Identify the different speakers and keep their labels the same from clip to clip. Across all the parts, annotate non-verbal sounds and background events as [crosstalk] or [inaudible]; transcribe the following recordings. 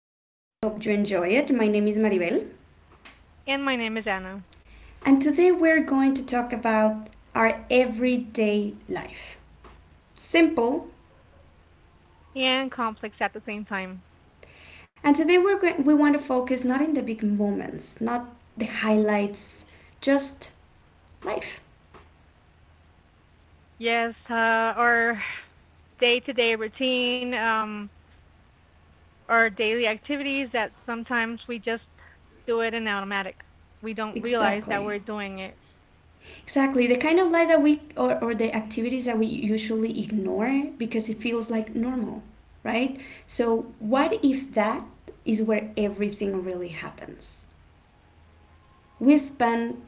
Speaker 1: podcast, so I hope you enjoy it. My name is Maribel,
Speaker 2: And my name is Anna.
Speaker 1: and today we're going to talk about our everyday life. Simple.
Speaker 2: And complex at the same time.
Speaker 1: And today we're going, we want to focus not in the big moments, not the highlights, just life.
Speaker 2: Yes, our day to day routine, our daily activities that sometimes we just do it in automatic. We don't realize that
Speaker 1: Exactly.
Speaker 2: we're doing it.
Speaker 1: Exactly. The kind of life that we or the activities that we usually ignore because it feels like normal, right? So, what if that is where everything really happens? We spend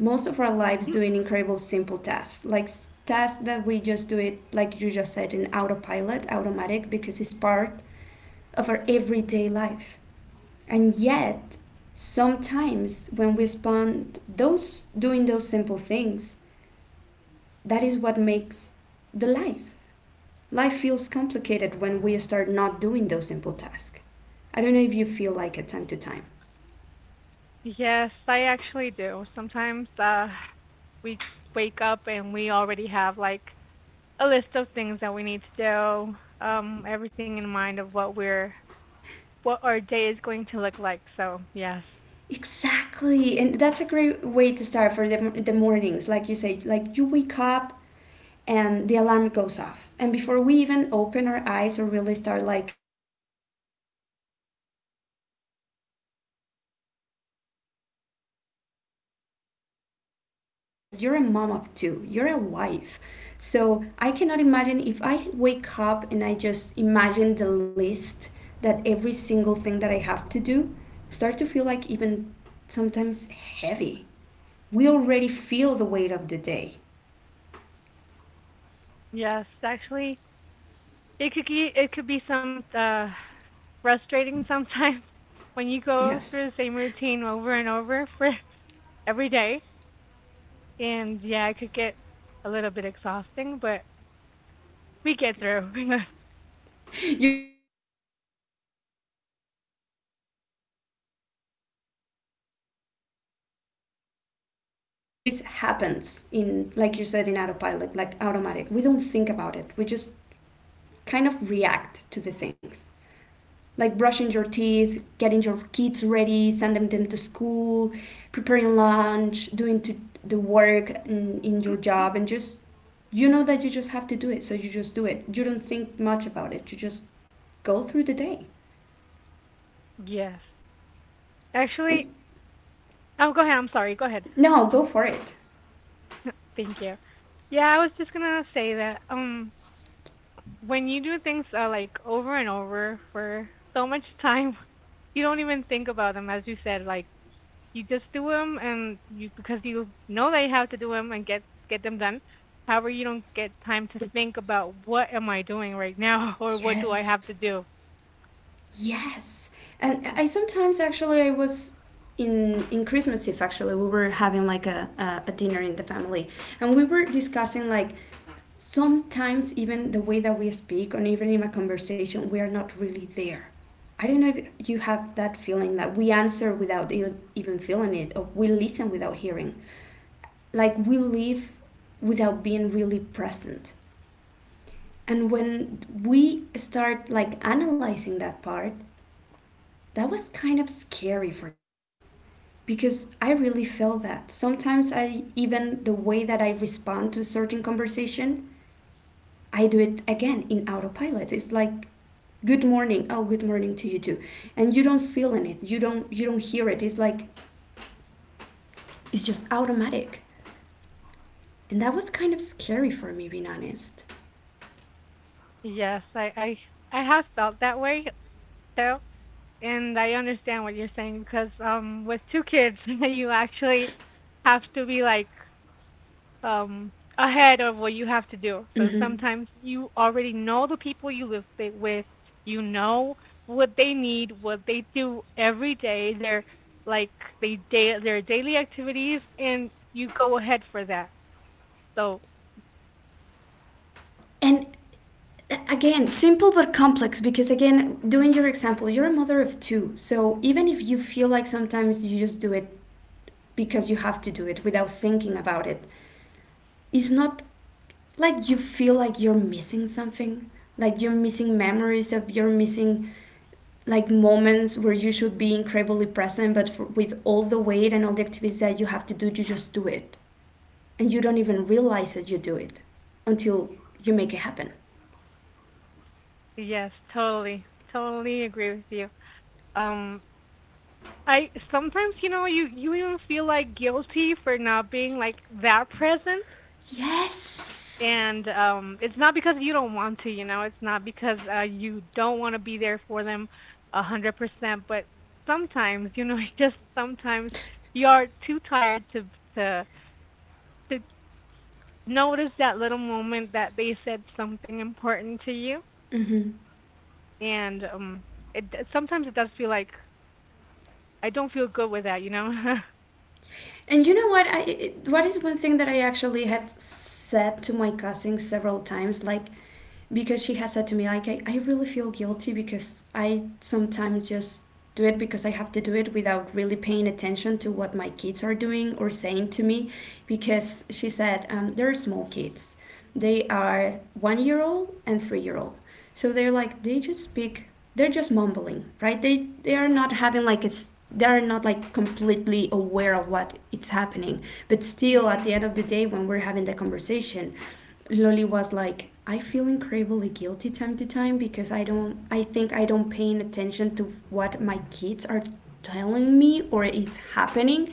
Speaker 1: most of our lives doing
Speaker 2: [clears throat]
Speaker 1: incredible simple tasks, like tasks that we just do it, like you just said, in autopilot, automatic, because it's part of our everyday life. And yet, sometimes when we spend those doing those simple things, that is what makes the life. Life feels complicated when we start not doing those simple tasks. I don't know if you feel like it time to time.
Speaker 2: Yes, I actually do. Sometimes we wake up and we already have like a list of things that we need to do, everything in mind of what our day is going to look like. So yes,
Speaker 1: Exactly, and that's a great way to start for the mornings. Like you say, like you wake up, and the alarm goes off. And before we even open our eyes or really start like waking up completely, we already feel the weight of the day. Every single activity that we have to do, and even more you, because you're a mom of two, you're a wife. So I cannot imagine if I wake up and I just imagine the list that every single thing that I have to do start to feel like even sometimes heavy. We already feel the weight of the day.
Speaker 2: yes, actually, it could it could be some frustrating sometimes [laughs] when you go
Speaker 1: Yes.
Speaker 2: through the same routine over and over for [laughs] every day. And yeah, it could get a little bit exhausting, but we get through.
Speaker 1: You get through and that I think that is kind of even I will dare to say taboo because we don't speak about it because we just do it. So most of the days happens, in like you said, in autopilot, like automatic. We don't think about it, we just kind of react to the things, like brushing your teeth, getting your kids ready, sending them to school, preparing lunch, doing to the work in your job,
Speaker 2: [laughs]
Speaker 1: and just you know that you just have to do it, so you just do it, you don't think much about it, you just go through the day
Speaker 2: yes
Speaker 1: and
Speaker 2: actually Oh, go ahead. I'm sorry, go ahead.
Speaker 1: No, go for it.
Speaker 2: [laughs] Thank you. Yeah, I was just gonna say that when you do things like over and over for so much time, [laughs] you don't even think about them. As you said, like, you just do them, and you, because you know that you have to do them and get them done. However, you don't get time to think about what am I doing right now, [laughs] or what do I
Speaker 1: Yes.
Speaker 2: have to do.
Speaker 1: Yes. And I sometimes actually I was in Christmas Eve actually we were having like a dinner in the family and we were discussing like sometimes even the way that we speak or even in a conversation we are not really there. I don't know if you have that feeling that we answer without even feeling it, or we listen without hearing. Like we live without being really present. And when we start like analyzing that part, that was kind of scary for me because I really feel that. Sometimes I even the way that I respond to a certain conversation, I do it again in autopilot. It's like good morning. Oh, good morning to you too. And you don't feel in it. You don't hear it. It's like it's just automatic. And that was kind of scary for me being honest.
Speaker 2: Yes, I I have felt that way. So, and I understand what you're saying, because with two kids, [laughs] you actually have to be like, um ahead of what you have to do. So sometimes you already know the people you live with, you know what they need, what they do every day, their like they day their daily activities, and you go ahead for that. So
Speaker 1: And again simple but complex because again doing your example, you're a mother of two, so even if you feel like sometimes you just do it because you have to do it without thinking about it, it's not like you feel like you're missing something, like you're missing memories, of you're missing like moments where you should be incredibly present, but for, with all the weight and all the activities that you have to do you just do it, and you don't even realize that you do it, until you make it happen.
Speaker 2: yes, totally. Totally agree with you. Um I sometimes, you know, you even feel like guilty for not being like that present.
Speaker 1: Yes.
Speaker 2: And it's not because you don't want to, you know, it's not because you don't want to be there for them 100%. But sometimes, you know, [laughs] just sometimes you are too tired to to notice that little moment that they said something important to you.
Speaker 1: Mm-hmm.
Speaker 2: And it sometimes it does feel like I don't feel good with that, you know.
Speaker 1: And you know what? What is one thing that I actually had said to my cousin several times. Like, because she has said to me like I really feel guilty because I sometimes just do it because I have to do it without really paying attention to what my kids are doing or saying to me, because she said they're small kids, they are 1 year old and 3 year old, so they're like they just speak, they're just mumbling, right? They are not having like they are not like completely aware of what it's happening, but
Speaker 2: [laughs]
Speaker 1: still at the
Speaker 2: Mhm.
Speaker 1: end of the day when we're having the conversation, Loli was like, I feel incredibly guilty time to time because I don't, I think I don't paying attention to what my kids are telling me or it's happening,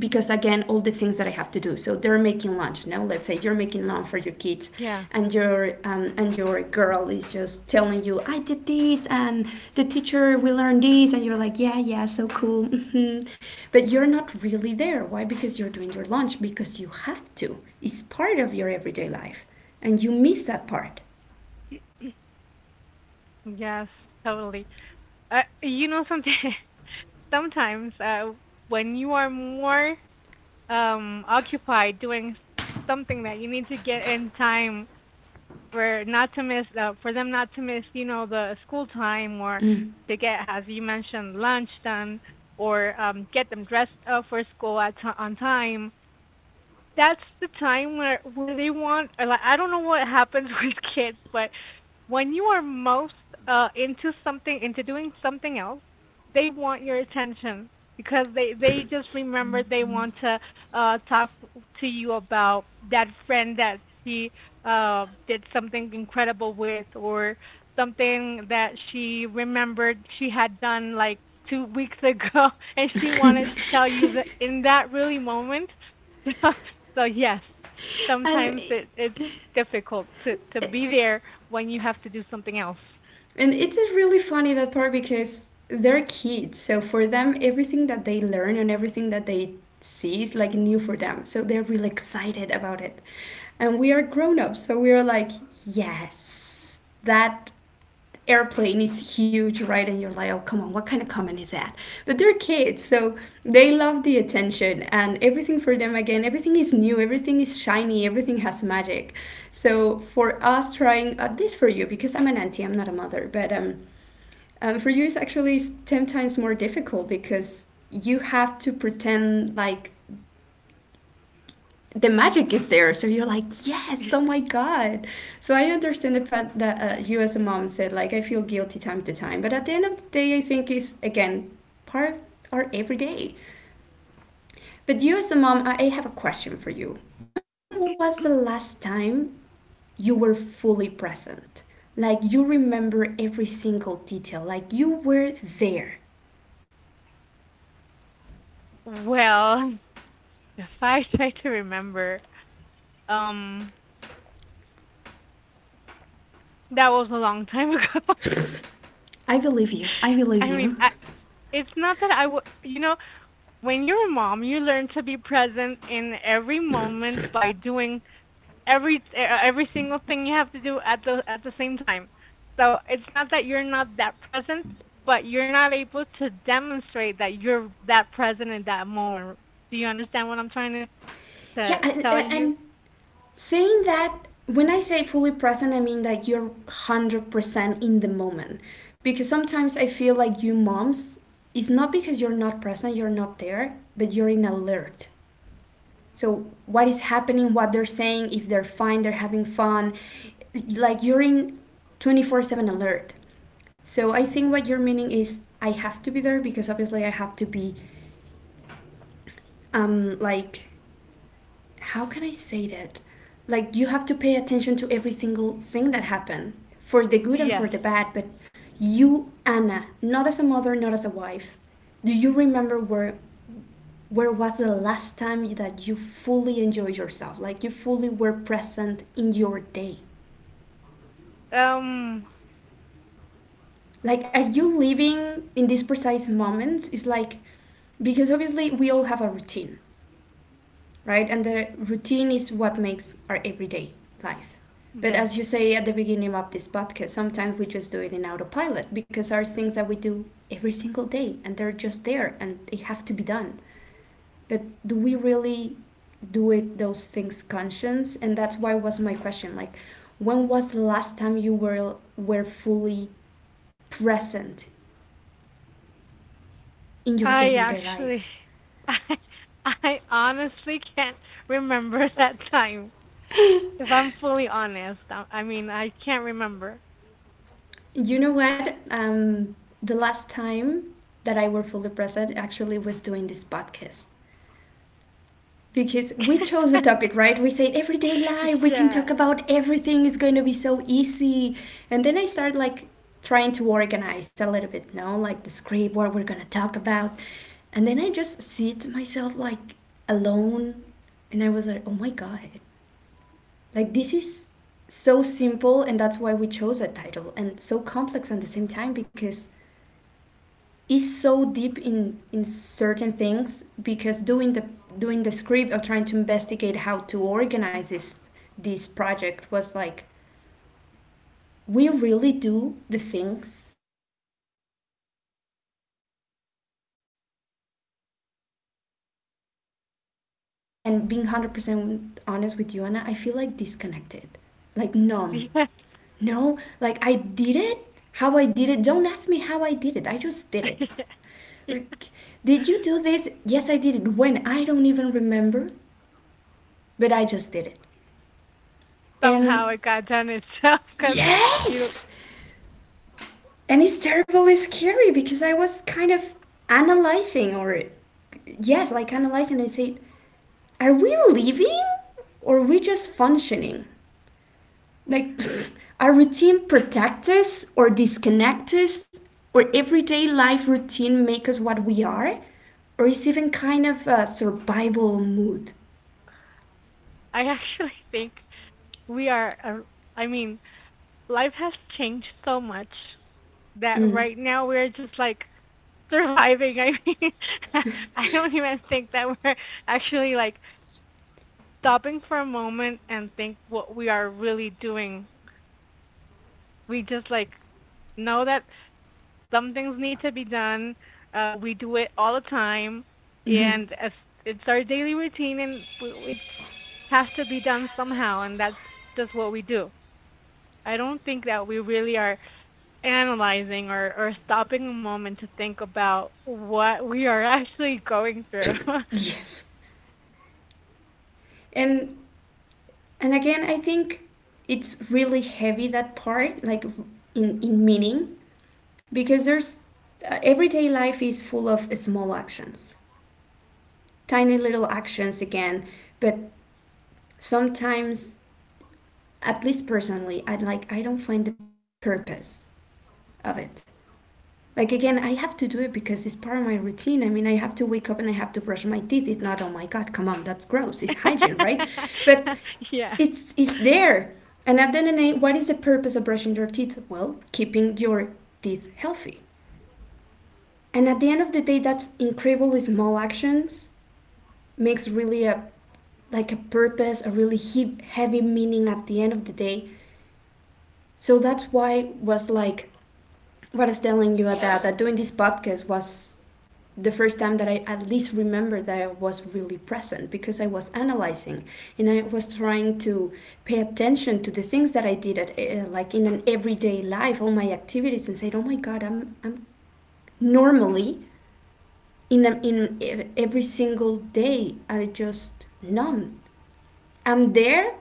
Speaker 1: because again all the things that I have to do. So they're making lunch. No, let's say you're making lunch for your kids,
Speaker 2: Yeah.
Speaker 1: and your girl is just telling you, I did this, and the teacher we learned this, and you're like, yeah yeah, so cool, mhm, but you're not really there. Why? Because you're doing your lunch, because you have to, it's part of your everyday life, and you miss that part.
Speaker 2: [clears throat] Yes, totally. You know something? [laughs] Sometimes when you are more occupied doing something that you need to get in time for not to miss, for them not to miss, you know, the school time, or
Speaker 1: Mm.
Speaker 2: to get, as you mentioned, lunch done, or get them dressed up for school at on time, that's the time where they want, or like, I don't know what happens [laughs] with kids, but when you are most, into something, into doing something else, they want your attention, because they just remember they want to, talk to you about that friend that she, did something incredible with, or something that she remembered she had done like 2 weeks ago, [laughs] and she wanted to tell you that in that really moment. [laughs] So yes,
Speaker 1: and
Speaker 2: sometimes it's difficult to be there when you have to do something else.
Speaker 1: and it is really funny that part because they're kids, so for them everything that they learn and everything that they see is like new for them, so they're really excited about it. And we are grown up, so we are like, yes, that airplane is huge, right? And you're like, oh, come on, what kind of comment is that? But they're kids, so they love the attention and everything for them, again, everything is new, everything is shiny, everything has magic. So for us trying, this for you, because I'm an auntie, I'm not a mother, but for you, it's actually 10 times more difficult because you have to pretend like the magic is there. So you're like, yes,
Speaker 2: [laughs]
Speaker 1: oh my god. So I understand the part that you as a mom said, like, I feel guilty time to time. But at the end of the day, I think is again part of our everyday. But you as a mom, I have a question for you. When was the last time you were fully present? Like you remember every single detail. Like you were there.
Speaker 2: Well, if I [laughs] try to remember, um, that was a long time ago.
Speaker 1: I believe you. I
Speaker 2: [laughs]
Speaker 1: believe
Speaker 2: I mean,
Speaker 1: you.
Speaker 2: it's not that I would, you know, when you're a mom, you learn to be present in every moment by doing every single thing you have to do at the same time. So it's not that you're not that present, but you're not able to demonstrate that you're that present in that moment. Do you understand what I'm trying
Speaker 1: Yeah,
Speaker 2: to tell
Speaker 1: I-
Speaker 2: you?
Speaker 1: and Saying that, when I say fully present, I mean that you're 100% in the moment. Because sometimes I feel like you moms, it's not because you're not present, you're not there, but you're in alert. So, what is happening, what they're saying, if they're fine, they're having fun, like you're in 24/7 alert. So, I think what you're meaning is I have to be there because obviously I have to be like how can I say that? Like you have to pay attention to every single thing that happened, for the good and for
Speaker 2: Yes.
Speaker 1: the bad. But you, Anna, not as a mother, not as a wife, do you remember where was the last time that you fully enjoyed yourself? Like you fully were present in your day.
Speaker 2: Um
Speaker 1: Like are you living in these precise moments? It's like because obviously we all have a routine, right? And the routine is what makes our everyday life. But
Speaker 2: yes.
Speaker 1: as you say at the beginning of this podcast, sometimes we just do it in autopilot because there are things that we do every single day and they're just there and they have to be done. But do we really do it those things conscious? And that's why was my question, like when was the last time you were fully present in your
Speaker 2: I
Speaker 1: everyday life?
Speaker 2: actually, [laughs] I I honestly can't remember [laughs] that time. If I'm fully honest, I mean, I can't remember.
Speaker 1: You know what? The last time that I were fully present actually was doing this podcast, because we chose the topic, right? We said everyday life,
Speaker 2: [laughs]
Speaker 1: we can talk
Speaker 2: Yeah.
Speaker 1: about everything, it's going to be so easy. And then I start like trying to organize a little bit, no, like the script, what we're going to talk about. And then I just sit myself like alone, and I was like, oh my God, like this is so simple, and that's why we chose that title, and so complex at the same time, because is so deep in certain things, because doing the script, or trying to investigate how to organize this project, was like we really do the things automatically, we don't think about it, we just do it, it's part of our routine, it's part of our lives, and sometimes, and being 100% honest with you, Anna, I feel like disconnected, like numb.
Speaker 2: Yeah.
Speaker 1: No, like I did it, how I did it, don't ask me how I did it, I just did it.
Speaker 2: [laughs]
Speaker 1: Like, did you do this? Yes, I did it. When? I don't even remember, but I just did it.
Speaker 2: Somehow
Speaker 1: And
Speaker 2: it got done itself, because you know.
Speaker 1: yes! And it's terribly scary because I was kind of analyzing, or yes, like analyzing and say, are we living, or are we just functioning? Like, [laughs] [clears throat] our routine protect us or disconnect us, or everyday life routine make us what we are, or is even kind of a survival mood.
Speaker 2: I actually think we are. I mean, life has changed so much that
Speaker 1: Mm,
Speaker 2: right now we're just like surviving. [laughs] I mean, [laughs] I don't even think that we're actually like stopping for a moment and think what we are really doing. We just like know that some things need to be done. We do it all the time, and as it's our daily routine, and it has to be done somehow, and that's just what we do. I don't think that we really are analyzing, or stopping a moment to think about what we are [laughs] actually going through.
Speaker 1: yes. and and again I think it's really heavy that part, like in meaning, because there's everyday life is full of small actions, tiny little actions again, but sometimes, at least personally, I don't find the purpose of it. Like again, I have to do it because it's part of my routine. I mean, I have to wake up and I have to brush my teeth. It's not, oh my god, come on, that's gross. It's hygiene, right?
Speaker 2: [laughs]
Speaker 1: But
Speaker 2: Yeah,
Speaker 1: it's there. And at the end of the day, what is the purpose of brushing your teeth? Well, keeping your teeth healthy. And at the end of the day, that's incredibly small actions makes really a like a purpose, a really heavy meaning at the end of the day. So that's why was like what I was telling you about, that doing this podcast was the first time that I at least remember that I was really present, because I was analyzing and I was trying to pay attention to the things that I did at like in an everyday life, all my activities, and said, "Oh my God, I'm normally in a, in e, every single day I just numb. I'm there,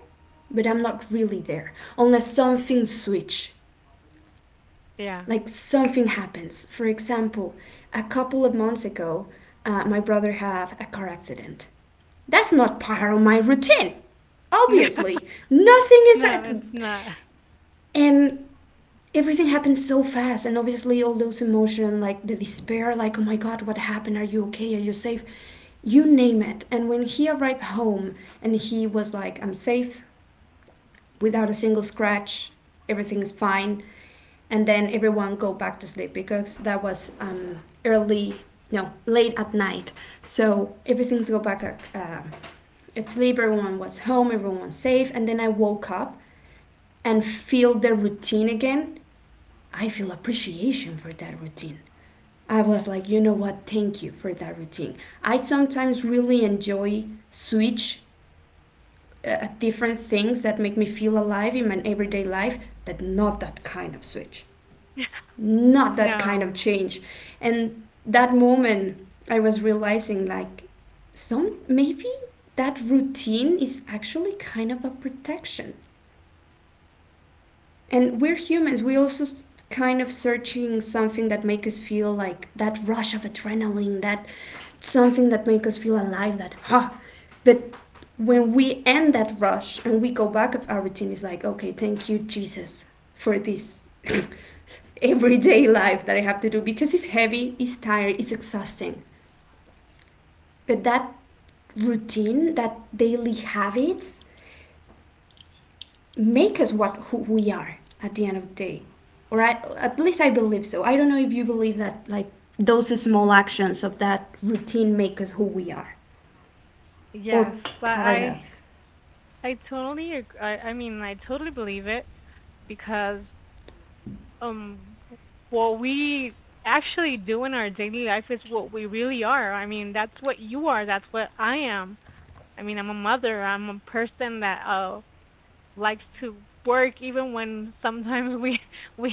Speaker 1: but I'm not really there unless something switch,
Speaker 2: yeah.
Speaker 1: like something happens. For example, a couple of months ago, my brother had a car accident. That's not part of my routine.
Speaker 2: No,
Speaker 1: Obviously, nothing is
Speaker 2: no, it's
Speaker 1: happening.
Speaker 2: not.
Speaker 1: And everything happens so fast, and obviously all those emotions, like the despair, like oh my god, what happened, are you okay, are you safe, you name it. And when he arrived home and he was like, I'm safe, without a single scratch. Everything is fine, and then everyone go back to sleep because that was early, no, late at night. So everything's go back at sleep. Everyone was home. Everyone was safe. And then I woke up and feel the routine again. I feel appreciation for that routine. I was
Speaker 2: Yes.
Speaker 1: like, you know what? Thank you for that routine. I sometimes really enjoy switch different things that make me feel alive in my everyday life, but not that kind of switch,
Speaker 2: [laughs]
Speaker 1: not that kind of
Speaker 2: No,
Speaker 1: change. And that moment, I was realizing like, some maybe that routine is actually kind of a protection. And we're humans, we also kind of searching something that make us feel like that rush of adrenaline, that something that make us feel alive, that ha. Huh. But when we end that rush and we go back of our routine, it's like okay, thank you Jesus for this everyday [laughs] life that I have to do, because it's heavy, it's tired, it's exhausting. But that routine, that daily habits, make us what who we are at the end of the day, or I, at least I believe so. I don't know if you believe that, like those small actions of that routine make us who we are, or
Speaker 2: yes. I,
Speaker 1: part of.
Speaker 2: I I totally I mean, I totally believe it, because um what we actually do in our daily life is what we really are. I mean, that's what you are, that's what I am. I mean, I'm a mother, I'm a person that likes to work, even when sometimes we [laughs] we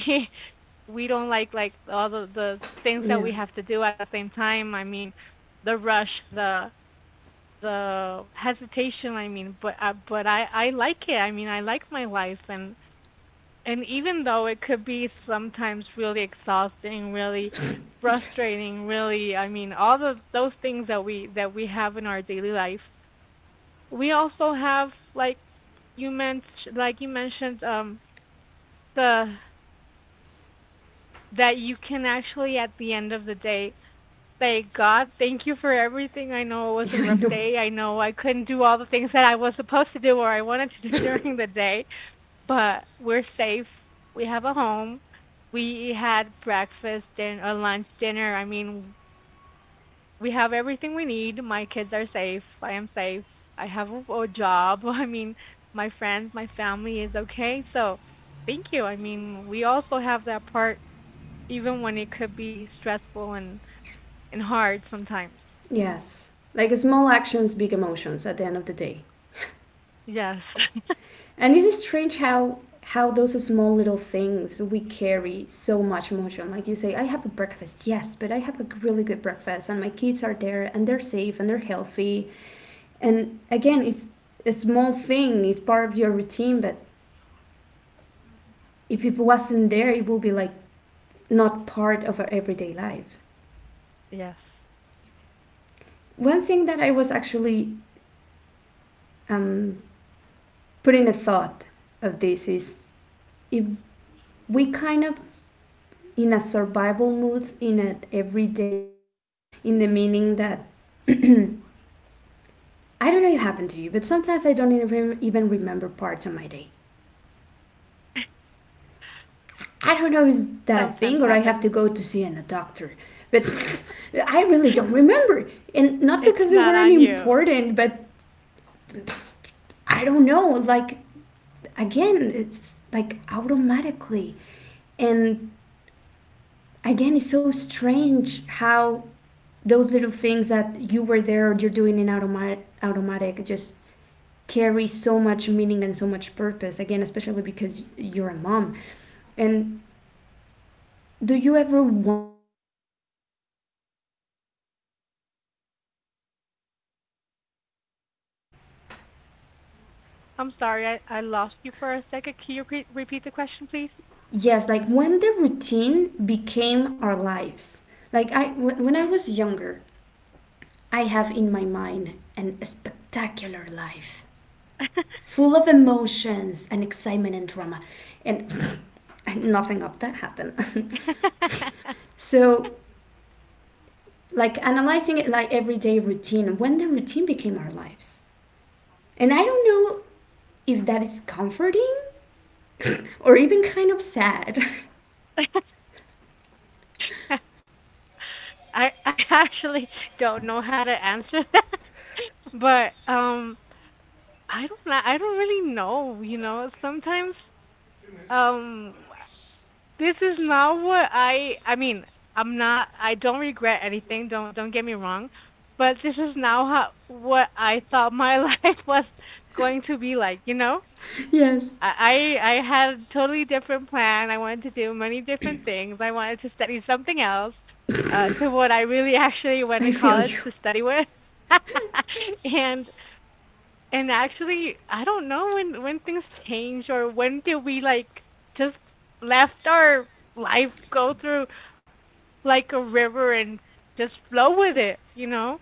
Speaker 2: we don't like all the things that
Speaker 1: Yeah,
Speaker 2: we have to do at the same time. I mean the rush, the hesitation, I mean, but I like it. I mean, I like my life. And even though it could be sometimes really exhausting, really
Speaker 1: yes.
Speaker 2: frustrating, really, I mean, all the those things that we have in our daily life, we also have, like you mentioned, the that you can actually at the end of the day, thank God. Thank you for everything. I know it
Speaker 1: [laughs]
Speaker 2: was a
Speaker 1: Yeah, I
Speaker 2: rough
Speaker 1: know.
Speaker 2: day. I know I couldn't do all the things [laughs] that I was supposed to do or I wanted to do [laughs] during the day, but we're safe. We have a home. We had breakfast and a lunch, dinner. I mean, we have everything we need. My kids are safe. I am safe. I have a job. [laughs] I mean, my friends, my family is okay. So, thank you. I mean, we also have that part, even when it could be stressful, and hard sometimes.
Speaker 1: Yes. Like small actions, big emotions at the end of the day.
Speaker 2: Yes. [laughs]
Speaker 1: And it is strange how those small little things we carry so much emotion. Like you say, I have a breakfast, yes, but I have a really good breakfast and my kids are there and they're safe and they're healthy. And again, it's a small thing, it's part of your routine, but if it wasn't there, it would be like not part of our everyday life.
Speaker 2: Yes.
Speaker 1: One thing that I was actually um, putting a thought of this is, if we kind of in a survival mood, in an everyday life, in the meaning that I don't know if it happened to you, but sometimes I don't even remember parts of my day. I don't know, is that a
Speaker 2: Sometimes
Speaker 1: thing, or I have
Speaker 2: happens.
Speaker 1: to
Speaker 2: [laughs]
Speaker 1: go to see a doctor, but [laughs] I really don't remember, and not
Speaker 2: It's
Speaker 1: because they
Speaker 2: not
Speaker 1: weren't
Speaker 2: on you.
Speaker 1: important, but I don't know. Like again, it's like automatically, and again, it's so strange how those little things that you were there or you're doing in automatic just carry so much meaning and so much purpose, again, especially because you're a mom. And do you ever wonder like when the routine became our lives?
Speaker 2: I'm sorry, I lost you for a second. Can you repeat the question, please?
Speaker 1: Yes, like when the routine became our lives. Like I, when I was younger, I have in my mind an spectacular life
Speaker 2: [laughs]
Speaker 1: full of emotions and excitement and drama, and [laughs] nothing of that happened. [laughs] So like analyzing it, like everyday routine, when the routine became our lives, and I don't know if that is comforting or even kind of sad.
Speaker 2: I actually don't know how to answer [laughs] that. But I don't know. I don't really know, you know. Sometimes um this is not what I mean, I don't regret anything, don't get me wrong, but this is not how, what I thought my [laughs] life was going to be like, you know?
Speaker 1: [laughs] Yes.
Speaker 2: I had a totally different plan. I wanted to do many different things. I wanted to study something else to what I really [laughs] actually went
Speaker 1: I
Speaker 2: to
Speaker 1: feel
Speaker 2: college
Speaker 1: you.
Speaker 2: to study with. [laughs] and and actually, I don't know when things change, or when did we like just left our life go through like a river and just flow with it, you know?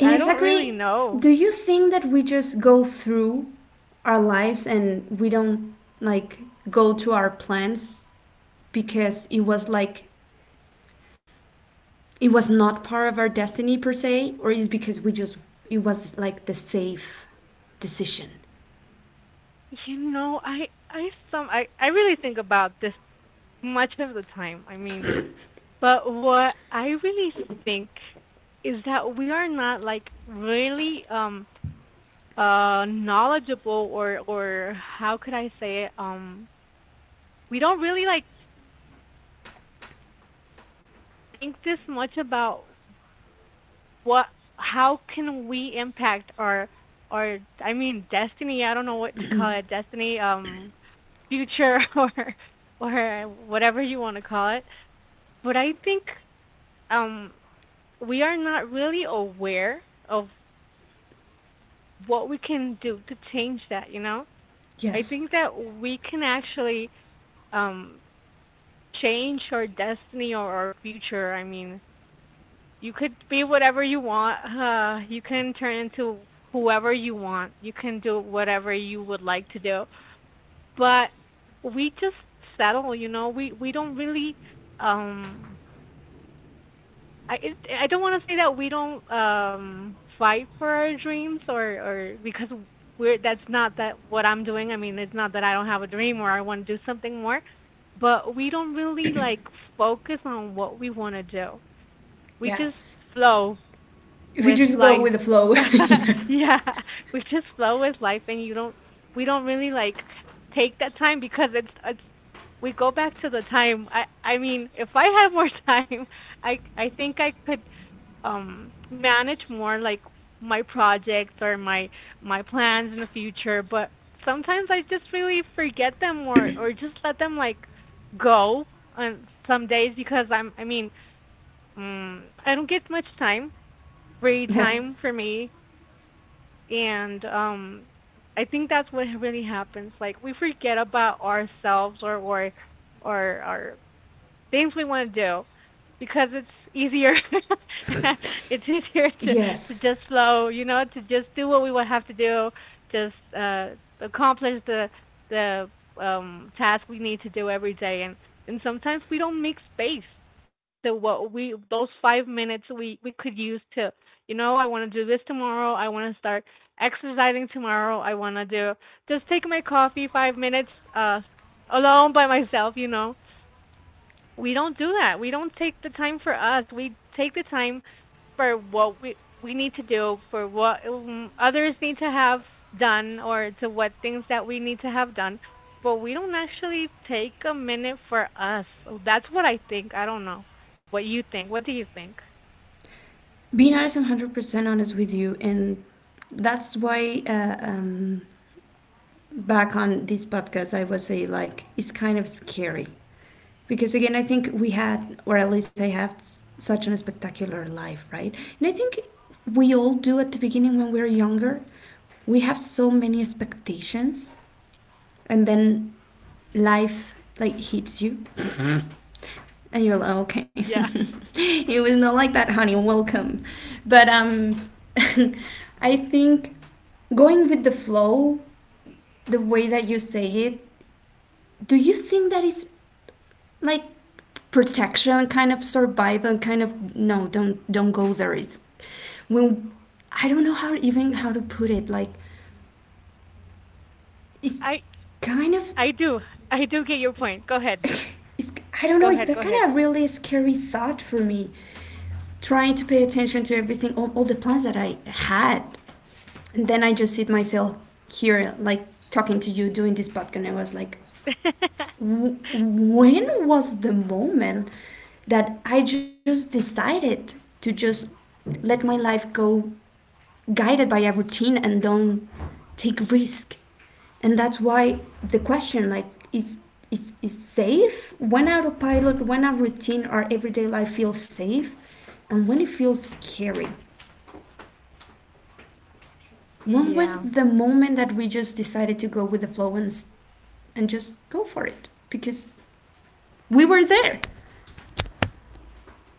Speaker 1: And
Speaker 2: I don't really
Speaker 1: exactly,
Speaker 2: know.
Speaker 1: do you think that we just go through our lives and we don't like go to our plans because it was like it was not part of our destiny per se, or is because we just it was like the safe decision?
Speaker 2: You know, I some I really think about this much of the time. I mean, but what I really think is that we are not like really knowledgeable, or how could I say it, we don't really like think this much about what how can we impact our, I mean, destiny, I don't know what to call it, destiny, future, [laughs] or whatever you want to call it. But I think um we are not really aware of what we can do to change that, you know? I
Speaker 1: Yes.
Speaker 2: think that we can actually um change our destiny or our future. I mean, you could be whatever you want. You can turn into whoever you want. You can do whatever you would like to do. But we just settle, you know. We don't really um I it, I don't want to say that we don't fight for our dreams, or because we're that's not that what I'm doing. I mean, it's not that I don't have a dream, or I want to do something more, but we don't really like focus on what we want to do. We just
Speaker 1: Yes.
Speaker 2: flow
Speaker 1: If you
Speaker 2: with
Speaker 1: just go
Speaker 2: life.
Speaker 1: with the flow.
Speaker 2: [laughs]
Speaker 1: [laughs]
Speaker 2: Yeah, we just flow with life, and you don't. We don't really like take that time, because it's it's. We go back to the time. I mean, if I had more [laughs] time, I think I could manage more like my projects or my plans in the future. But sometimes I just really forget them, or just let them like go on some days, because I'm I mean, I don't get much time, free
Speaker 1: Yeah. Yeah.
Speaker 2: time for me. And I think that's what really happens. Like we forget about ourselves or things we want to do because it's easier [laughs] it's easier to
Speaker 1: Yes.
Speaker 2: just flow, you know, to just do what we would have to do, just accomplish the task we need to do every day and sometimes we don't make space the what
Speaker 1: Yes.
Speaker 2: we those 5 minutes we could use to I want to do this tomorrow. I want to start exercising tomorrow. I want to do just take my coffee 5 minutes alone by myself, you know. We don't do that. We don't take the time for us. We take the time for what we need to do, for what others need to have done, or to what things that we need to have done. But we don't actually take a minute for us. That's what I think. I don't know what you think. What do you think?
Speaker 1: Being honest, I'm 100% honest with you. And that's why back on this podcast, I would say, like, it's kind of scary. Because again, I think we had, or at least I have, such a spectacular life, right? And I think we all do at the beginning when we're younger. We have so many expectations. And then life, like, hits you. And you're like, okay,
Speaker 2: Yeah,
Speaker 1: [laughs] it was not like that, honey. Welcome. But [laughs] I think going with the flow, the way that you say it, do you think that it's like protection, kind of survival, kind of no, don't go there. It's when I don't know how even how to put it. Like it's
Speaker 2: I
Speaker 1: kind of
Speaker 2: I do. I do get your point. Go ahead.
Speaker 1: it's I don't
Speaker 2: Go
Speaker 1: know. It's
Speaker 2: ahead. Go
Speaker 1: that kind
Speaker 2: ahead.
Speaker 1: of really scary thought for me. Trying to pay attention to everything, all the plans that I had. And then I just sit myself here, like talking to you, doing this podcast, and I was like,
Speaker 2: [laughs]
Speaker 1: when was the moment that I just decided to just let my life go guided by a routine and don't take risk? And that's why the question, like, is is safe when autopilot, when a routine or everyday life feels safe, and when it feels scary. When was
Speaker 2: Yeah.
Speaker 1: the moment that we just decided to go with the flow and just go for it? Because we were there,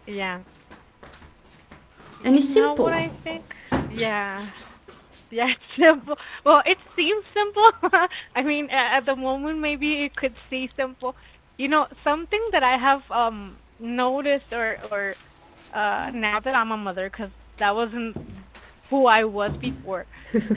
Speaker 2: Yeah.
Speaker 1: and
Speaker 2: You
Speaker 1: it's
Speaker 2: know what
Speaker 1: simple.
Speaker 2: I think? Yeah. Yeah, [laughs] it's simple. Well, it seems simple. [laughs] I mean, at the moment, maybe it could seem simple. You know, something that I have noticed or now that I'm a mother, because that wasn't who I was before.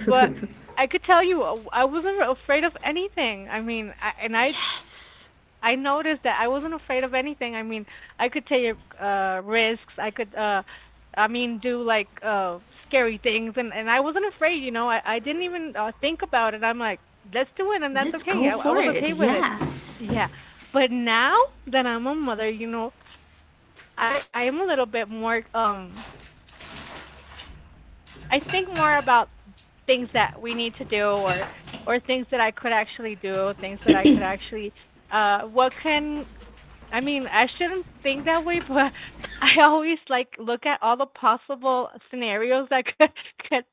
Speaker 2: But I could tell you, I wasn't afraid of anything. I mean, I, and I
Speaker 1: Yes,
Speaker 2: I noticed that I wasn't afraid of anything. I mean, I could take risks. I could do like scary things and I wasn't afraid, you know. I didn't even think about it. I'm like, let's do it and that's
Speaker 1: let's
Speaker 2: okay.
Speaker 1: go
Speaker 2: I
Speaker 1: for
Speaker 2: was
Speaker 1: it.
Speaker 2: okay with it.
Speaker 1: Yes,
Speaker 2: Yeah. But now that I'm a mother, you know, I am a little bit more I think more about things that we need to do or things that I could actually do, things that I could actually what can I mean, I shouldn't think that way, [laughs] but I always like look at all the possible scenarios that could, [laughs] could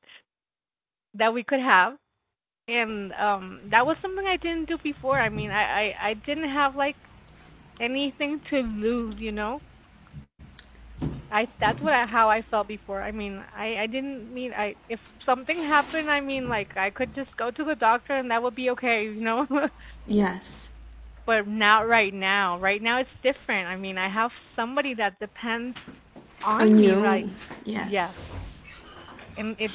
Speaker 2: that we could have, and that was something I didn't do before. I mean, I didn't have like anything to lose, you know. I that's what I, how I felt before. I mean, I didn't mean I if something happened. I mean, like, I could just go to the doctor and that would be okay, you know. [laughs]
Speaker 1: yes,
Speaker 2: But not right now. Right now it's different. I mean, I have somebody that depends
Speaker 1: I
Speaker 2: on me,
Speaker 1: knew.
Speaker 2: right?
Speaker 1: Yes,
Speaker 2: Yes, and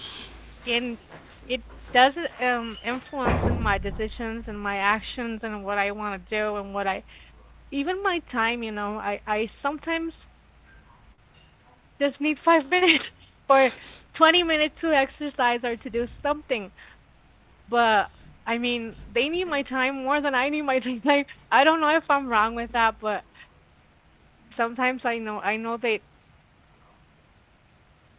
Speaker 2: and it does influence in my decisions and my actions and what I want to do and what I even my time, you know. I sometimes just need 5 minutes [laughs] or 20 minutes to exercise or to do something. But I mean, they need my time more than I need my time. [laughs] Like, I don't know if I'm wrong with that, but sometimes I know that.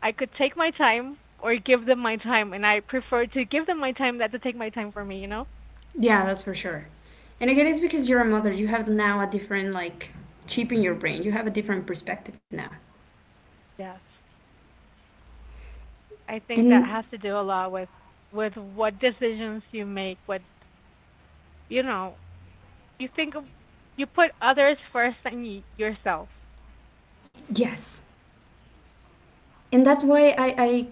Speaker 2: I could take my time or give them my time, and I prefer to give them my time than to take my time for me. You know?
Speaker 1: yeah, that's for sure. And again, it's because you're a mother. You have now a different like chip in your brain. You have a different perspective now.
Speaker 2: Yes. I think that
Speaker 1: And
Speaker 2: has to do a lot with what decisions you make. What, you know, you think of, you put others first than yourself.
Speaker 1: yes, and that's why I I,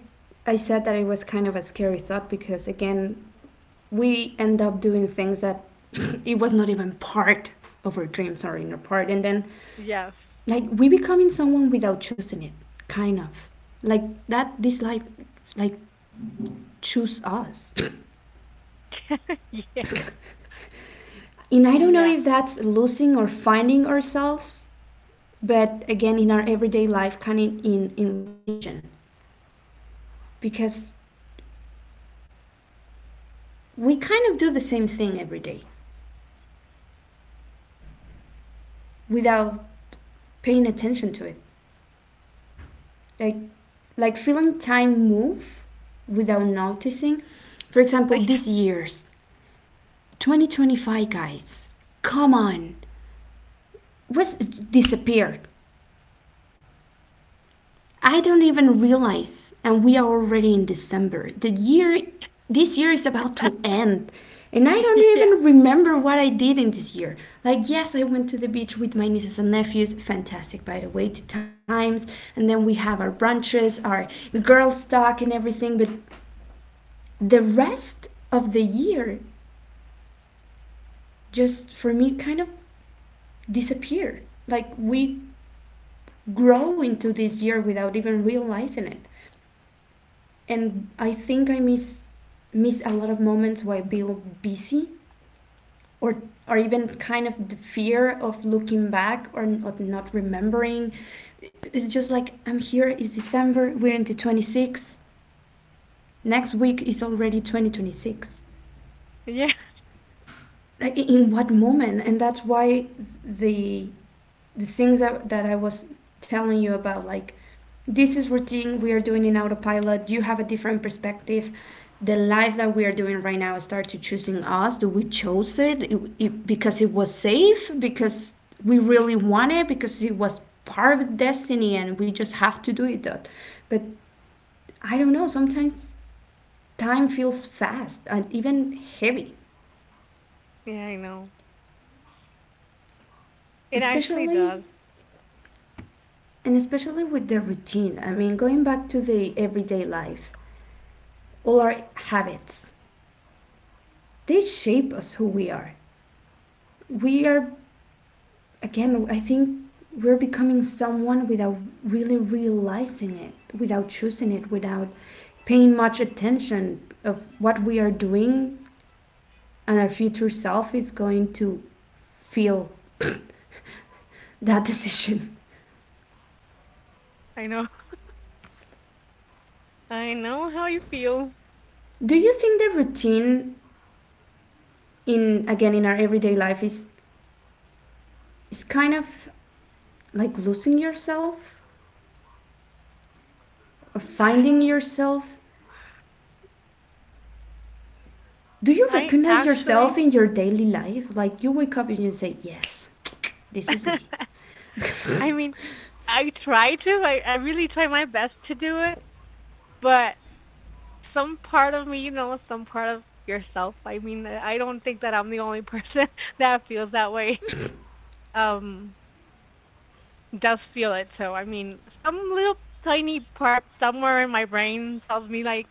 Speaker 1: I said that it was kind of a scary thought, because again, we end up doing things that [laughs] it was not even part of our dreams or inner part, and then
Speaker 2: Yes.
Speaker 1: like we becoming someone without choosing it, kind of like that this life like choose us,
Speaker 2: [laughs] Yeah.
Speaker 1: and I don't know
Speaker 2: Yeah.
Speaker 1: if that's losing or finding ourselves. But again, in our everyday life, kind of in repetition, because we kind of do the same thing every day without paying attention to it, like like feeling time move without noticing. For example, this
Speaker 2: [laughs]
Speaker 1: year's 2025, guys, come on, what's disappeared? I don't even realize, and we are already in December. The year, this year is about to end, and I don't
Speaker 2: Yeah.
Speaker 1: even remember what I did in this year. Like, yes, I went to the beach with my nieces and nephews, fantastic, by the way, 2 times, and then we have our brunches, our girls' talk, and everything, but the rest of the year just for me kind of disappear, like we grow into this year without even realizing it. And I think I miss a lot of moments while being busy, or or even kind of the fear of looking back or not remembering. It's just like I'm here, it's December, we're into 26, next week is already 2026.
Speaker 2: Yeah.
Speaker 1: Like in what moment? And that's why the the things that, that I was telling you about, like this is routine, we are doing in autopilot, you have a different perspective. The life that we are doing right now start to choosing us. Do we chose it? It because it was safe? Because we really want it? Because it was part of destiny and we just have to do it? That, but I don't know. Sometimes time feels fast and even heavy,
Speaker 2: Yeah, I know. It actually
Speaker 1: especially
Speaker 2: does.
Speaker 1: and especially with the routine. I mean, going back to the everyday life, all our habits. They shape us who we are. We are, again, I think we're becoming someone without really realizing it, without choosing it, without paying much attention of what we are doing and our future self is going to feel that [laughs] decision.
Speaker 2: I know. [laughs] I know how you feel.
Speaker 1: Do you think the routine in again in our everyday life is kind of like losing yourself,
Speaker 2: I
Speaker 1: finding
Speaker 2: don't.
Speaker 1: yourself? Do you
Speaker 2: I
Speaker 1: recognize yourself
Speaker 2: actually
Speaker 1: in your daily life? Like you wake up and you say, yes, this is me.
Speaker 2: [laughs] I mean, I try to. I really try my best to do it, but some part of me, you know, some part of yourself. I mean, I don't think that I'm the only person [laughs] that feels that way. Um, does feel it. So I mean, some little tiny part somewhere in my brain tells me like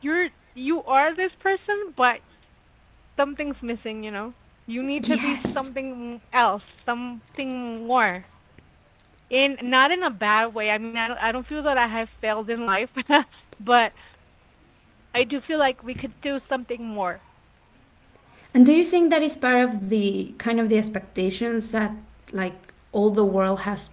Speaker 2: you're you are this person, but something's missing. You know, you need to be
Speaker 1: Yes.
Speaker 2: something else, something more. In not in a bad way. I mean, I don't feel that I have failed in life, [laughs] but I do feel like we could do something more.
Speaker 1: And do you think that is part of the kind of the expectations that like all the world has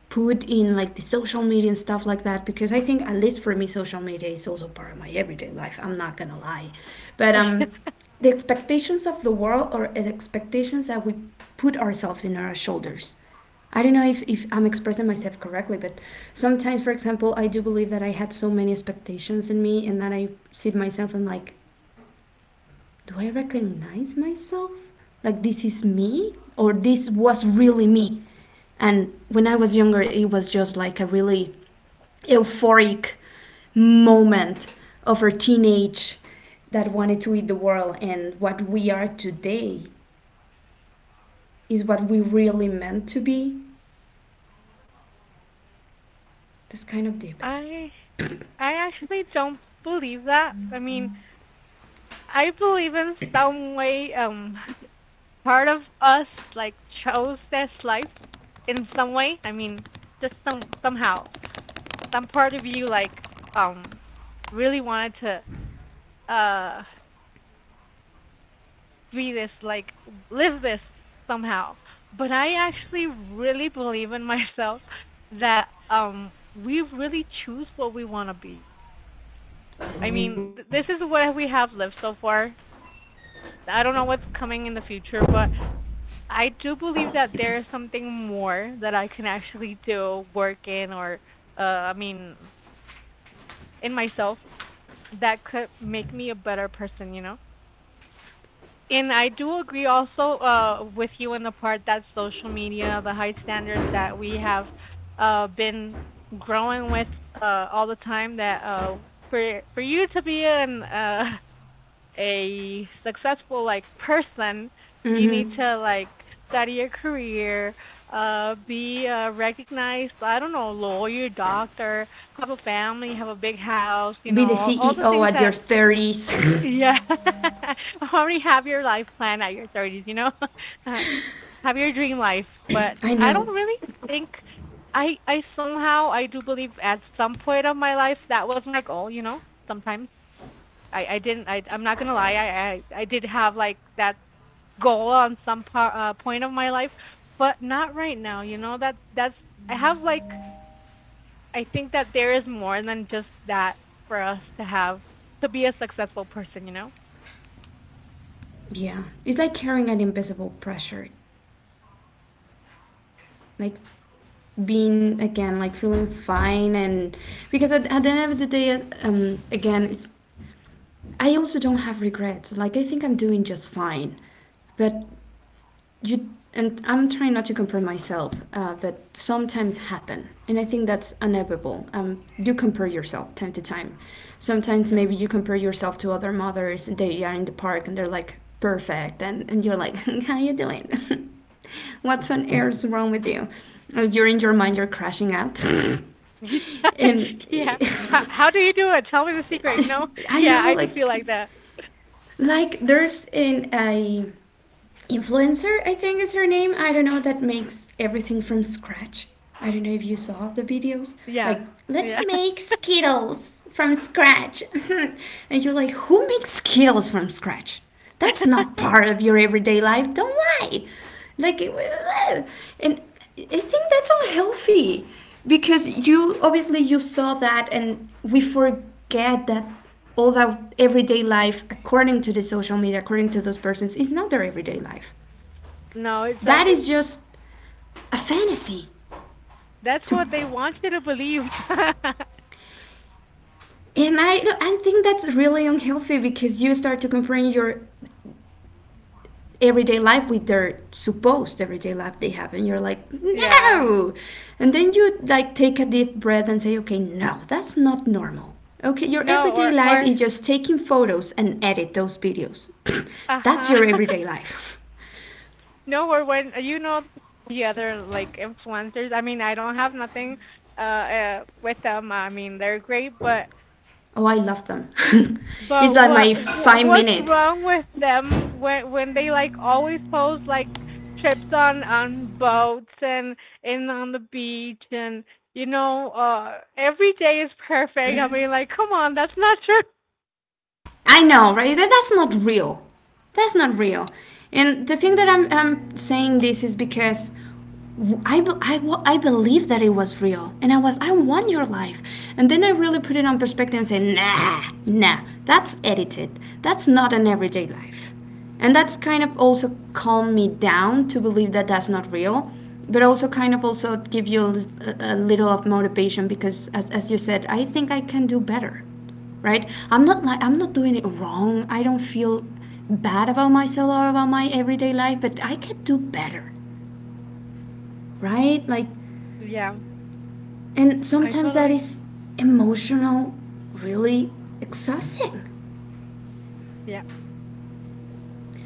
Speaker 1: put in, like the social media and stuff like that, because I think at least for me social media is also part of my everyday life. I'm not gonna lie, but
Speaker 2: [laughs]
Speaker 1: the expectations of the world or the expectations that we put ourselves in our shoulders. I don't know if I'm expressing myself correctly, but sometimes, for example, I do believe that I had so many expectations in me and that I see myself and like, do I recognize myself? Like this is me, or this was really me? And when I was younger, it was just like a really euphoric moment of our teenage that wanted to eat the world, and what we are today is what we really meant to be. That's kind of deep.
Speaker 2: I I actually don't believe that. I mean, I believe in some way [laughs] part of us like chose this life in some way. I mean, just somehow some part of you like um really wanted to uh be this, like live this somehow. But I actually really believe in myself that we really choose what we want to be. I
Speaker 1: Be
Speaker 2: mean, this is what we have lived so far. I don't know what's coming in the future, but I do believe that there is something more that I can actually do, work in, or uh, I mean, in myself that could make me a better person, you know? And I do agree also with you in the part that social media, the high standards that we have been growing with all the time. That for you to be an [laughs] a successful like person, you need to like study your career, be a recognized, I don't know, lawyer, doctor, have a family, have a big house, you know,
Speaker 1: the
Speaker 2: all the
Speaker 1: CEO
Speaker 2: things
Speaker 1: at your
Speaker 2: that,
Speaker 1: 30s.
Speaker 2: yeah. [laughs] Already have your life plan at your 30s, you know? [laughs] Uh, have your dream life, but
Speaker 1: [laughs] I
Speaker 2: I
Speaker 1: know.
Speaker 2: don't really think. I somehow I do believe at some point of my life that was my goal, you know? Sometimes I didn't I I'm not going to lie. I did have like that goal on some point of my life, but not right now, you know? That that's I have like I think that there is more than just that for us to have to be a successful person, you know?
Speaker 1: Yeah. It's like carrying an invisible pressure. Like being again like feeling fine, and because at the end of the day, again, it's I also don't have regrets. Like, I think I'm doing just fine, but you and I'm trying not to compare myself, but sometimes happen, and I think that's inevitable. Um, you compare yourself time to time. Sometimes
Speaker 2: Yeah.
Speaker 1: maybe you compare yourself to other mothers, and they are in the park and they're like perfect, and you're like [laughs] how are you doing? [laughs] What's on earth wrong with you? You're in your mind, you're crashing out. [laughs]
Speaker 2: [laughs]
Speaker 1: And
Speaker 2: Yeah.
Speaker 1: [laughs]
Speaker 2: How do you do it? Tell me the secret, you know?
Speaker 1: I
Speaker 2: Yeah,
Speaker 1: know,
Speaker 2: I do feel like that.
Speaker 1: like there's an a influencer, I think is her name, I don't know, that makes everything from scratch. I don't know if you saw the videos,
Speaker 2: Yeah.
Speaker 1: like let's
Speaker 2: Yeah.
Speaker 1: make Skittles from scratch. [laughs] And you're like, who makes Skittles from scratch? That's not
Speaker 2: [laughs]
Speaker 1: part of your everyday life, don't lie. Like, and I think that's unhealthy because you obviously you saw that, and we forget that all that everyday life according to the social media, according to those persons, is not their everyday life.
Speaker 2: No, it's like
Speaker 1: That
Speaker 2: it,
Speaker 1: is just a fantasy
Speaker 2: that's
Speaker 1: to,
Speaker 2: what they want you to believe. [laughs]
Speaker 1: and I think that's really unhealthy because you start to compare your everyday life with their supposed everyday life they have, and you're like,
Speaker 2: Yeah.
Speaker 1: no. And then you like take a deep breath and say, okay, no, that's not normal. Okay, your
Speaker 2: No,
Speaker 1: everyday
Speaker 2: or
Speaker 1: life
Speaker 2: or
Speaker 1: is just taking photos and edit those videos. [clears throat] That's
Speaker 2: uh-huh.
Speaker 1: your everyday life.
Speaker 2: [laughs] No, or when you know the other like influencers. I mean, I don't have nothing with them. I mean, they're great,
Speaker 1: [laughs] Oh, I love them. [laughs] It's
Speaker 2: but
Speaker 1: like
Speaker 2: what
Speaker 1: my five
Speaker 2: what's
Speaker 1: minutes
Speaker 2: wrong with them when they like always post like trips on boats and on the beach and you know, every day is perfect. I mean, like, come on, that's not true.
Speaker 1: I know, right? That's not real. That's not real. And the thing that I'm saying this is because I, I believe that it was real, and I was, I want your life. And then I really put it on perspective and say, nah, nah, that's edited. That's not an everyday life. And that's kind of also calmed me down to believe that that's not real. But also kind of also give you a little of motivation because, as you said, I think I can do better. Right? I'm not like I'm not doing it wrong. I don't feel bad about myself or about my everyday life, but I can do better, right? Like,
Speaker 2: Yeah,
Speaker 1: and
Speaker 2: I
Speaker 1: sometimes that
Speaker 2: totally
Speaker 1: is emotional, really exhausting.
Speaker 2: yeah.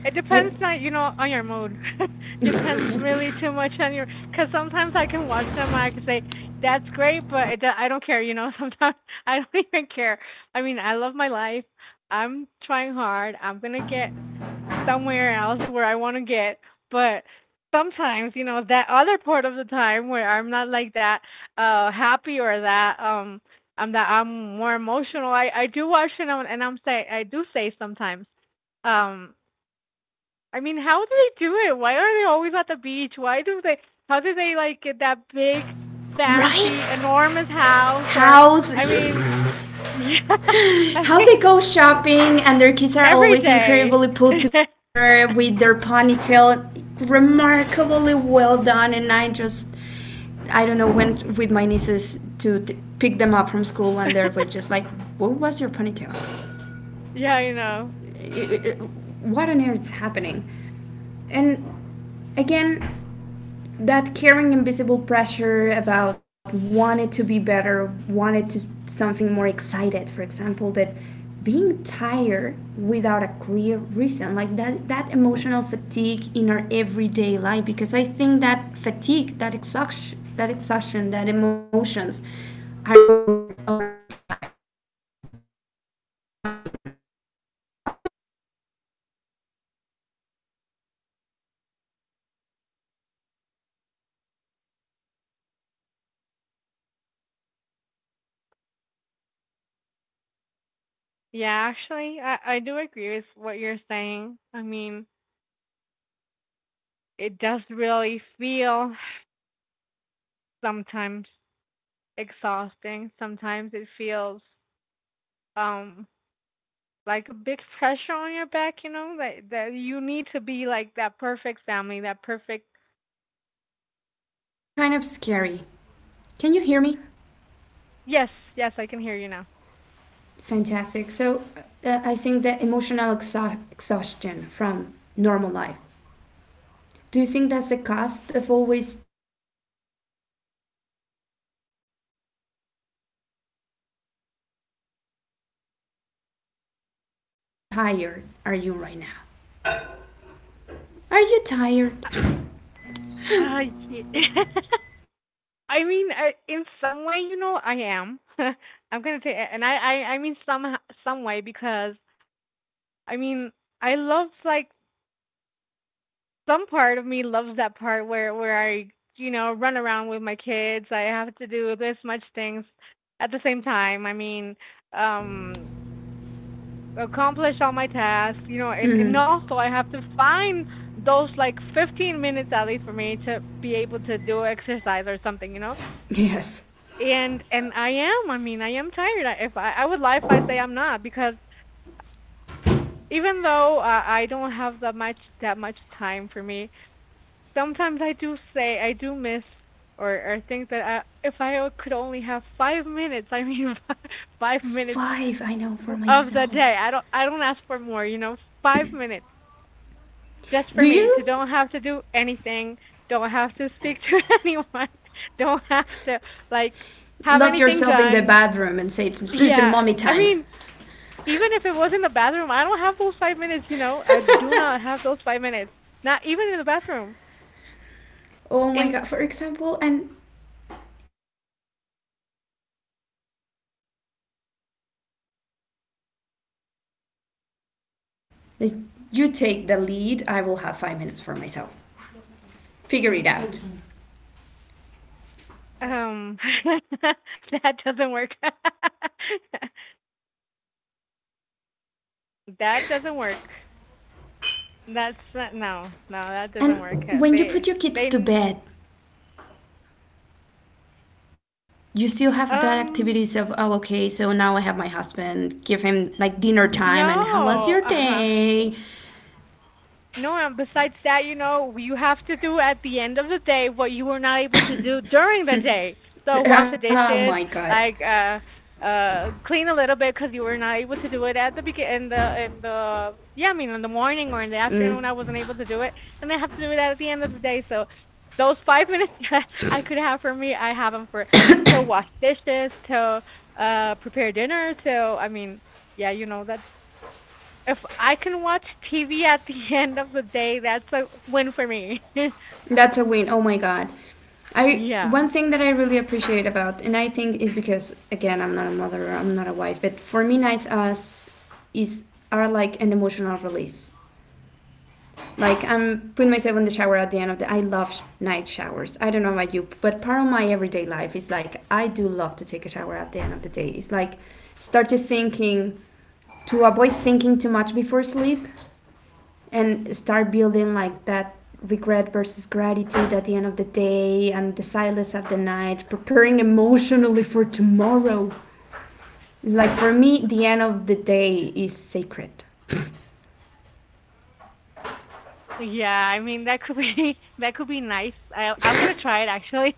Speaker 2: It
Speaker 1: Like,
Speaker 2: depends, not, you know, on your mood. [laughs] Depends really too much on your. Because sometimes I can watch them, I can say that's great, but it, I don't care. You know, [laughs] sometimes I don't even care. I mean, I love my life. I'm trying hard. I'm gonna get somewhere else where I want to get, but sometimes you know that other part of the time where I'm not like that happy or that I'm more emotional. I do watch it, and I do say sometimes um I mean, how do they do it? Why are they always at the beach? Why do they? How do they like get that big, fancy,
Speaker 1: right,
Speaker 2: enormous house? Or
Speaker 1: how's
Speaker 2: I mean,
Speaker 1: [laughs]
Speaker 2: yeah, [laughs] I
Speaker 1: how
Speaker 2: mean,
Speaker 1: they go shopping and their kids are
Speaker 2: every
Speaker 1: always
Speaker 2: day.
Speaker 1: incredibly put
Speaker 2: [laughs]
Speaker 1: together with their ponytail remarkably well done, and I just I don't know, went with my nieces to pick them up from school, and they were just like, what was your ponytail?
Speaker 2: Yeah, I know.
Speaker 1: it, it, what on earth is happening? And again, that carrying invisible pressure about want to be better, want to something more excited, for example, but being tired without a clear reason, like that that emotional fatigue in our everyday life, because I think that fatigue, that exhaustion, that emotions, are also part of our everyday life, like feeling fine. Like your kids wake up, good morning, mama, how are you feeling? Oh, I'm feeling fine. But you don't feel fine. I mean, you're not bad, you're not wrong, but you're not okay.
Speaker 2: Yeah, actually, I do agree with what you're saying. I mean, it does really feel sometimes exhausting. Sometimes it feels um like a big pressure on your back, you know, that you need to be like that perfect family, that perfect.
Speaker 1: And that's kind of scary. Can you hear me?
Speaker 2: Yes, yes, I can hear you now.
Speaker 1: Fantastic. So I think that emotional exhaustion from normal life. Do you think that's the cost of always trying to be functional? I mean, you as a mom, what kind of tired are you right now? Are you tired?
Speaker 2: Uh, uh yeah. [laughs] I mean, in some way, you know, I am. [laughs] I'm gonna say, and I mean, some way, because I mean, I love like some part of me loves that part where I, run around with my kids. I have to do this much things at the same time. I mean, um, accomplish all my tasks, you know, and also I have to find those like 15 minutes at least for me to be able to do exercise or something, you know.
Speaker 1: Yes.
Speaker 2: And I am, I mean, I am tired. I If I I would lie if I say I'm not, because even though I don't have that much time for me, sometimes I do say I do miss or think that, I, if I could only have 5 minutes, I mean [laughs] 5 minutes
Speaker 1: Five, I know for
Speaker 2: of the
Speaker 1: myself.
Speaker 2: day. I don't ask for more, you know, 5 minutes just for
Speaker 1: Do
Speaker 2: me to
Speaker 1: you
Speaker 2: don't have to do anything, don't have to speak to [laughs] anyone, don't have to like have
Speaker 1: lock
Speaker 2: anything
Speaker 1: yourself in the
Speaker 2: done.
Speaker 1: bathroom and say it's just
Speaker 2: Yeah.
Speaker 1: mommy
Speaker 2: I
Speaker 1: time?
Speaker 2: mean, even if it was in the bathroom, I don't have those 5 minutes, you know. I do not have those 5 minutes. Not even in the bathroom.
Speaker 1: Oh my
Speaker 2: And
Speaker 1: god! For example, and at the end of the day, you cannot just grab look like your husband or from well, like it's your time. Like, you take the lead. I will have 5 minutes for myself. Figure it out.
Speaker 2: um [laughs] that doesn't work. [laughs]
Speaker 1: You're not being realistic.
Speaker 2: That doesn't work. That's not, no, no, that doesn't
Speaker 1: And
Speaker 2: work.
Speaker 1: when you
Speaker 2: They
Speaker 1: put your kids to
Speaker 2: they
Speaker 1: bed, you still have that activities of,
Speaker 2: um
Speaker 1: oh okay, so now I have my husband, give him like dinner time and how was your
Speaker 2: no. Uh-huh.
Speaker 1: day.
Speaker 2: No, and besides that, you know, you have to do at the end of the day what you were not able to do during the day.
Speaker 1: [laughs]
Speaker 2: So wash the
Speaker 1: Oh my
Speaker 2: dishes,
Speaker 1: god.
Speaker 2: like clean a little bit because you were not able to do it at the begin in the yeah, I mean, in the morning or in the
Speaker 1: Mm,
Speaker 2: afternoon I wasn't able to do it, and I have to do it at the end of the day. So those 5 minutes [laughs] that I could have for me, I have them for to wash dishes, to prepare dinner, to I mean, yeah, you know, that's, if I can watch TV at the [laughs] end of the day, that's a win for me. [laughs]
Speaker 1: that's a win, oh my god. I
Speaker 2: Yeah.
Speaker 1: one thing that I really appreciate about, and I think is because again I'm not a mother, I'm not a wife, but for me nights as is are like an emotional release. Like, I'm putting myself in the shower at the end of the. I love night showers. I don't know about you, but part of my everyday life is like I do love to take a shower at the end of the day. It's like start to thinking, to avoid thinking too much before sleep, and start building like that regret versus gratitude at the end of the day, and the silence of the night, preparing emotionally for tomorrow. It's like for me, the end of the day is sacred.
Speaker 2: Yeah, I mean that could be [laughs] that could be nice. I'm gonna try it actually.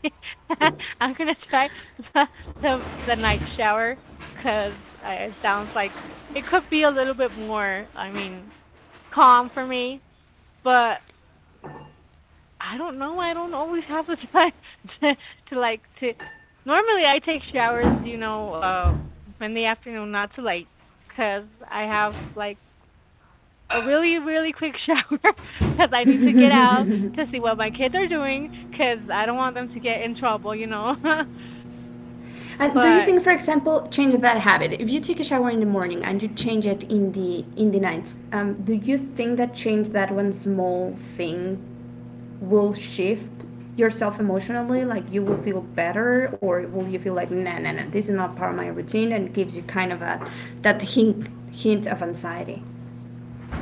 Speaker 2: [laughs] I'm gonna try the the night shower 'cause it sounds like it could be a little bit more, I mean, calm for me. But I don't know. I don't always have the time [laughs] to, to like to. Normally, I take showers, you know, in the afternoon, not too late, because I have like a really, really quick shower, [laughs] because I need to get out to see what my kids are doing, because I don't want them to get in trouble, you know. [laughs] But
Speaker 1: And do you
Speaker 2: I
Speaker 1: think, for example, change that habit? If you take a shower in the morning and you change it in the nights, do you think that change that one small thing will shift yourself emotionally? Like you will feel better, or will you feel like, nah, nah, nah, this is not part of my routine, and gives you kind of a that hint of anxiety?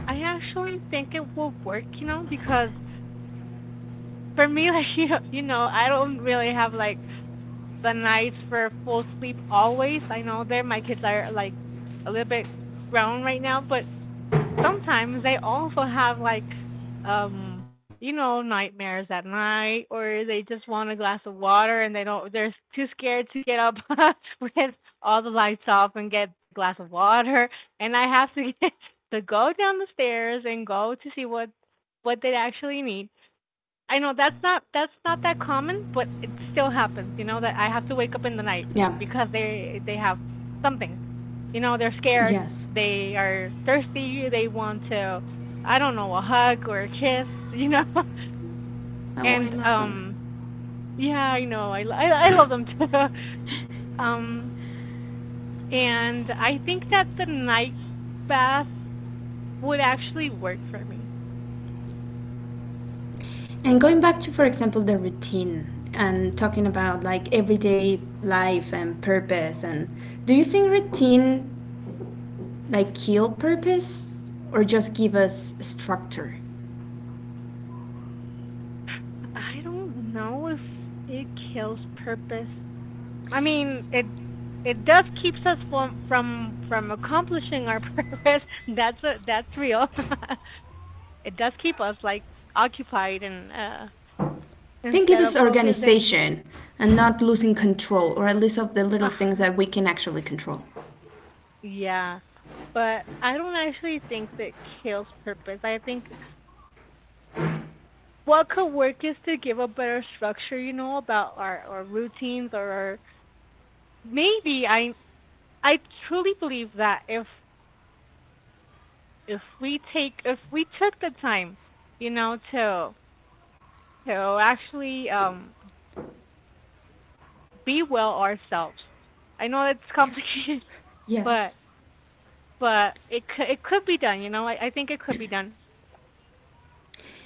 Speaker 2: actually think it will work, you know, because for me, [laughs] like you know, I don't really have like the nights for full sleep always. I know that my kids are like a little bit grown right now, but sometimes they also have like um nightmares at night, or they just want a glass of water, and they don't they're too scared to
Speaker 1: Yeah,
Speaker 2: get up [laughs] with all the lights off and get the glass of water,
Speaker 1: and
Speaker 2: and
Speaker 1: I
Speaker 2: I
Speaker 1: think
Speaker 2: have
Speaker 1: it
Speaker 2: to [laughs] get
Speaker 1: it's
Speaker 2: to go down the
Speaker 1: kind of
Speaker 2: stairs and go to see what
Speaker 1: killing the
Speaker 2: what they
Speaker 1: purpose.
Speaker 2: actually need. I know that's not that common, but it still happens. You know that I have to wake up in the night
Speaker 1: Yeah.
Speaker 2: because they have something. You know they're scared.
Speaker 1: Yes.
Speaker 2: They are thirsty. They want to, I don't know, a hug or a kiss. You know, [laughs]
Speaker 1: Oh, I
Speaker 2: and
Speaker 1: love them.
Speaker 2: yeah, I know. I love them too. [laughs] Um, and I think that the night bath would actually work for me.
Speaker 1: And going back to, for example, the routine and talking about like everyday life and purpose, and do you think routine like kill purpose or just give us structure?
Speaker 2: I don't know if it kills purpose. I mean, it does keeps us from accomplishing our [laughs] purpose. That's real. [laughs] It does keep us like occupied and
Speaker 1: I think give
Speaker 2: instead
Speaker 1: us
Speaker 2: of focusing.
Speaker 1: organization and not losing control, or at least of the
Speaker 2: Uh,
Speaker 1: little things that we can actually control.
Speaker 2: yeah, but I don't actually think that kills purpose. I think what could work is to give a better structure, you know, about our routines, or our maybe I truly believe that if we took the time, you know, to actually be well ourselves. I know it's
Speaker 1: Yes.
Speaker 2: complicated, [laughs] but
Speaker 1: Yes.
Speaker 2: but it could be done, you know. I think it could be done.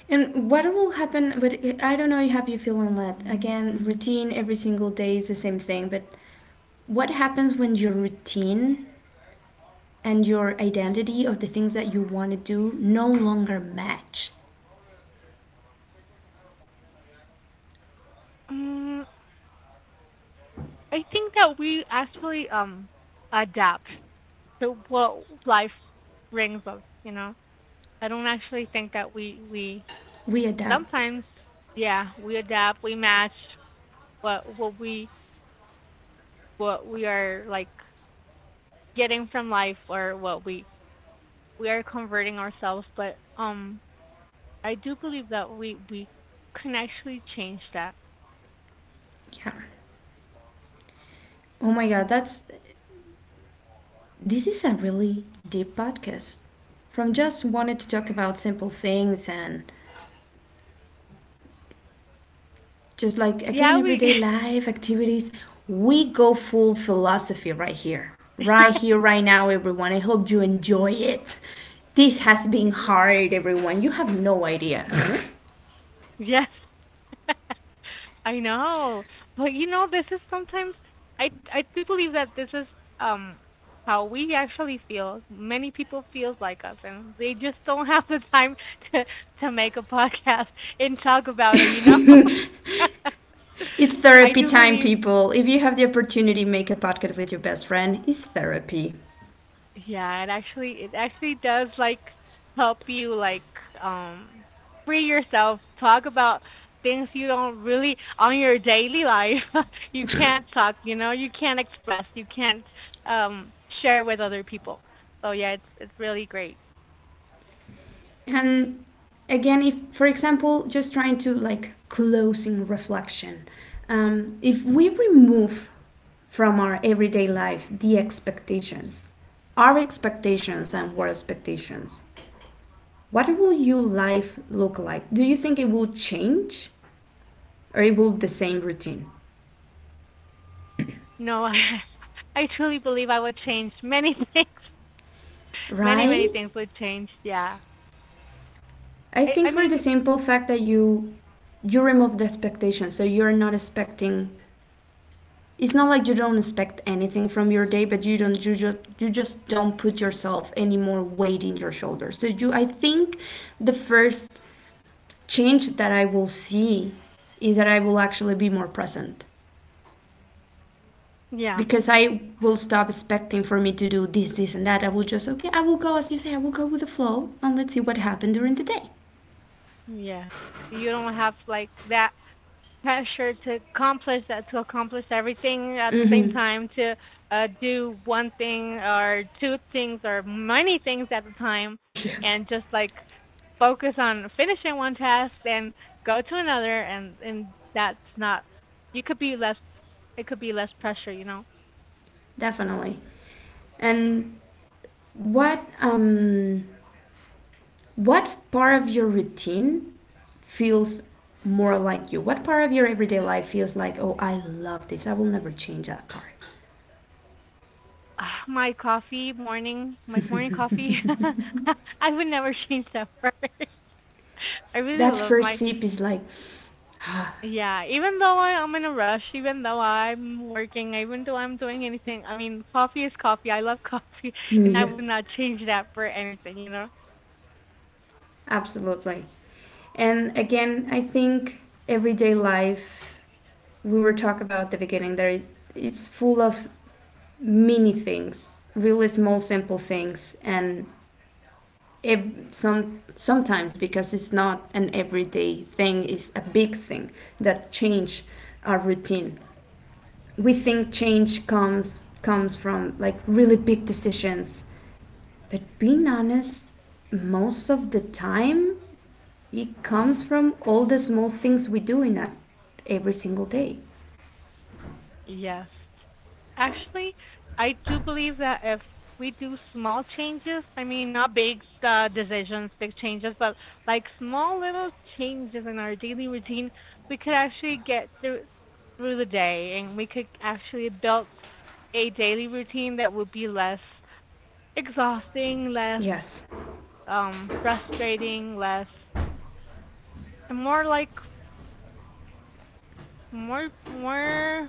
Speaker 1: And what will happen? But I don't know. Have you feeling that again? Routine every single day is the same thing, but what happens when your routine and your identity of the things that you want to do no longer match.
Speaker 2: Um, I think that we actually adapt to what life brings us, you know. I don't actually think that we
Speaker 1: We adapt.
Speaker 2: sometimes, yeah, we adapt, we match what what we what we are like getting from life, or what we are converting ourselves, but I do believe that we can actually change that.
Speaker 1: Yeah. Oh my god, that's this is a really deep podcast. From just wanted to talk about simple things and just like again
Speaker 2: Yeah, we
Speaker 1: everyday life activities, we go full philosophy right here. Right here
Speaker 2: [laughs]
Speaker 1: right now, everyone. I hope you enjoy it. This has been
Speaker 2: yeah.
Speaker 1: hard, everyone. You have no idea.
Speaker 2: Yes. [laughs] I know. But you know, this is sometimes I I do believe that this is um how we actually feel. Many people feels like us and they just don't have the time [laughs] to to make a podcast and talk about it, you know?
Speaker 1: [laughs]
Speaker 2: [laughs]
Speaker 1: It's
Speaker 2: I
Speaker 1: therapy
Speaker 2: do
Speaker 1: time,
Speaker 2: believe.
Speaker 1: people. If you have the opportunity, make a podcast with your best friend. It's therapy.
Speaker 2: Yeah, it actually does like help you like um free yourself, talk about things you don't really on your daily life, [laughs] you can't talk, you know, you can't express, you can't um share with other people. So yeah, it's really great.
Speaker 1: And again, if, for example, just trying to like closing reflection, if we remove from our everyday life the expectations, our expectations and world expectations, what will your life look like? Do you think it will change or it will the same routine?
Speaker 2: No, [laughs] I truly believe I would change many [laughs] things. Many, many
Speaker 1: Right?
Speaker 2: things would change, yeah.
Speaker 1: I
Speaker 2: I
Speaker 1: think for the
Speaker 2: mean,
Speaker 1: simple fact that you remove the expectation, so you're not expecting. It's not like you don't expect anything from your day, but you don't you just don't put yourself any more weight in your shoulders. So you, I think, the first change that I will see is that I will actually be more present
Speaker 2: yeah.
Speaker 1: because I will stop expecting for me to do this, this, and that. I will just okay, I will go as you say. I will go with the flow, and let's see what happened during the day.
Speaker 2: Yes. You don't have like that pressure to accomplish, that to accomplish everything at the same time, to do one thing or two things or many things at a time,
Speaker 1: [laughs] Yes.
Speaker 2: and just like focus on finishing one task then go to another, and that's not, you could be less it could be less pressure, you know.
Speaker 1: Definitely. And what, what part of your routine feels more like you? What part of your everyday life feels like, oh, I love this. I will never change that part.
Speaker 2: Ah, my coffee morning my morning coffee [laughs] I would never [laughs] change that for it. [laughs] I really
Speaker 1: That
Speaker 2: love
Speaker 1: first
Speaker 2: my.
Speaker 1: sip is like,
Speaker 2: Yeah, even though I am in a rush, even though I'm working, even though I'm doing anything, I mean, coffee is coffee. I love [laughs] coffee, and I
Speaker 1: [laughs] yeah,
Speaker 2: would not change that for anything, you know?
Speaker 1: absolutely. And again, I think everyday life we were talking about at the beginning there, it's full of mini things, really small simple things and sometimes because it's not an everyday thing, it's a big thing that change our routine. We think change comes from like really big decisions, but being honest, most of the time it comes from all the small things we do in that every single day.
Speaker 2: Yes. Actually, I do believe that if we do small changes, I mean, not big decisions, big changes, but like small little changes in our daily routine, we could actually get through the day, and we could actually build a daily routine that would be less exhausting, less
Speaker 1: Yes,
Speaker 2: frustrating, less, and more like more.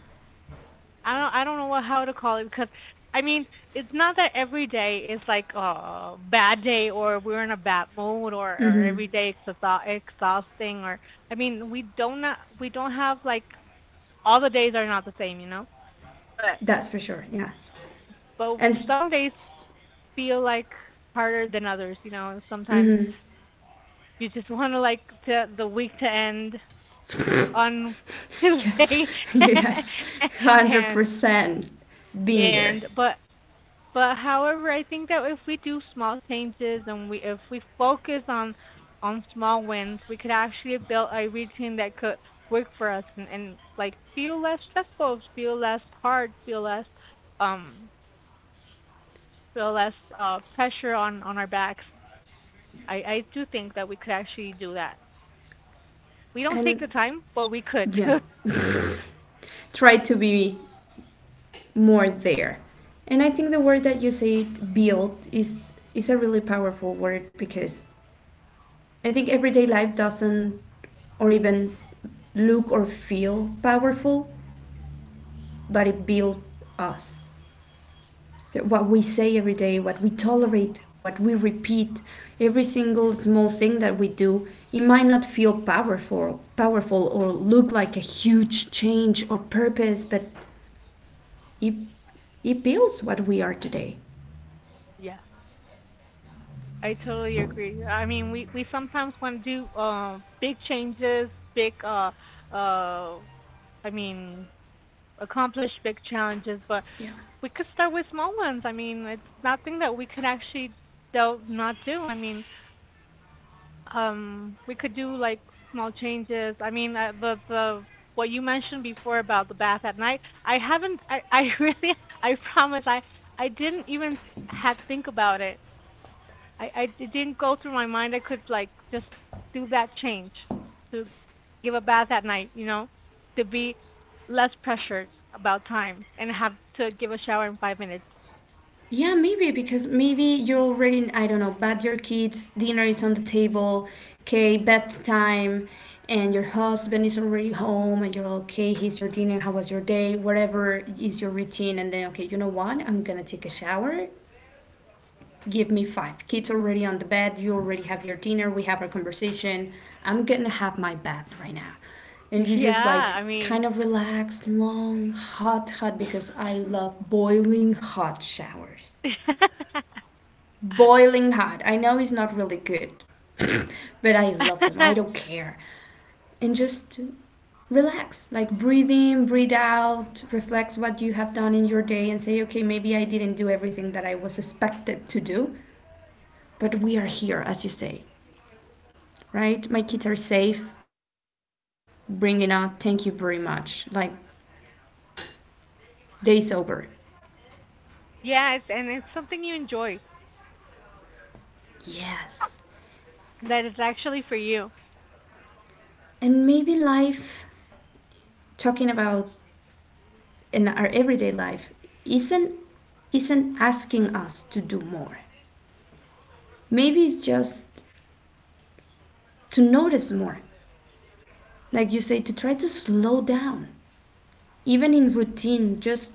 Speaker 2: I don't know what, how to call it, because, I mean, it's not that every day is like a bad day, or we're in a bad mood, or every day exha- exhausting, or, I mean, we don't have like, all the days are not the same, you know? But
Speaker 1: that's for sure, yes.
Speaker 2: but
Speaker 1: and s-
Speaker 2: some days feel like harder than others, you know. Sometimes you just want to like the week to end on
Speaker 1: yes,
Speaker 2: Tuesday.
Speaker 1: [laughs] yes,
Speaker 2: [laughs] and
Speaker 1: 100%. Been there.
Speaker 2: and but however, I think that if we do small changes, and we if we focus on small wins, we could actually build a routine that could work for us, and like feel less stressful, feel less hard, feel less um pressure on our backs. I do think that we could actually do that. We don't take
Speaker 1: And
Speaker 2: the time, but we could.
Speaker 1: yeah,
Speaker 2: [laughs]
Speaker 1: try to be more there. And I think the word that you say, build, is a really powerful word because I think everyday life doesn't or even look or feel powerful, but it builds us. So what we say every day, what we tolerate, what we repeat, every single small thing that we do, it might not feel powerful or look like a huge change or purpose, but it it builds what we are today.
Speaker 2: Yes. I totally agree. I mean, we sometimes want to do big changes, big uh I mean, accomplish big challenges, but
Speaker 1: Yeah.
Speaker 2: we could start with small ones. I mean, it's nothing that we could actually don't not do. I mean, we could do like small changes. I mean, the what you mentioned before about the bath at night, I haven't I [laughs] really, I promise, I didn't even had think about it. I it didn't go through my mind I could like just do that change to give a bath at night, you know, to be less pressured about time and have to give a shower in 5 minutes.
Speaker 1: Yeah, maybe because maybe you're already, I don't know, but your kids' dinner is on the table, okay, bedtime, and your husband is already home and you're okay, here's your dinner, how was your day, whatever is your routine, and then okay, you know what? I'm gonna take a shower. Give me five. Kids already on the bed, you already have your dinner, we have our conversation. I'm gonna have my bath right now. And you
Speaker 2: Yeah,
Speaker 1: just like
Speaker 2: I mean,
Speaker 1: kind of relax, long, hot, hot, because I love boiling hot showers.
Speaker 2: [laughs] yeah,
Speaker 1: Boiling hot. I know it's not really good, [coughs] but I love them. I don't care. And just relax, like breathe in, breathe out, reflect what you have done in your day and say, okay, maybe I didn't do everything that I was expected to do, but we are here, as you say, right? My kids are safe. I'm safe. Bring it on. Thank you very much. Like, day's over.
Speaker 2: it's, and it's something you enjoy
Speaker 1: Yes.
Speaker 2: that is actually for you.
Speaker 1: And maybe life, talking about in our everyday life, isn't isn't asking us to do more. Maybe it's just to notice more. Like you say, to try to slow down. Even in routine, just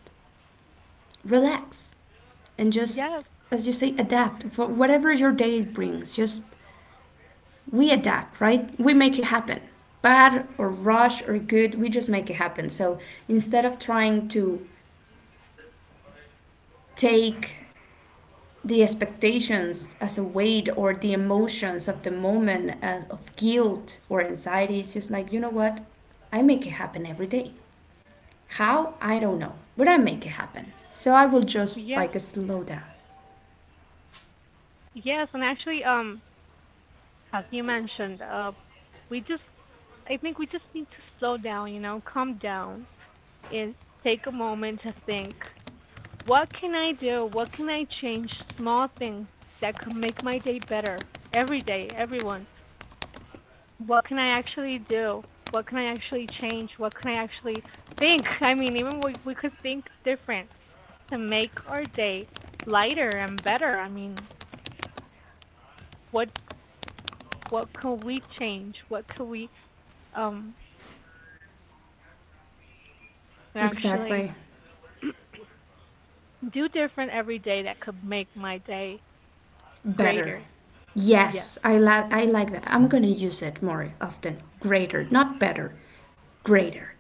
Speaker 1: relax and just,
Speaker 2: Yes,
Speaker 1: as you say, adapt for whatever your day brings. Just we adapt, right? We make it happen. Bad or rush or good, we just make it happen. So instead of trying to take the expectations as a weight or the emotions of the moment of guilt or anxiety, it's just like, you know what, I make it happen every day. How, I don't know, but I make it happen, so I will just
Speaker 2: yes,
Speaker 1: like slow down.
Speaker 2: yes, and actually, as you mentioned, we just I think we just need to slow down, you know, calm down is, take a moment to think, what can I do? What can I change? Small things that could make my day better every day, everyone. What can I actually do? What can I actually change? What can I actually think? [laughs] I mean, even we could think different to make our day lighter and better. I mean, what can we change? What could we um actually
Speaker 1: Exactly.
Speaker 2: [clears throat] do different every day that could make my day
Speaker 1: Better.
Speaker 2: greater? Yes.
Speaker 1: Yes, I like that. I'm gonna use it more often, greater not better. Greater.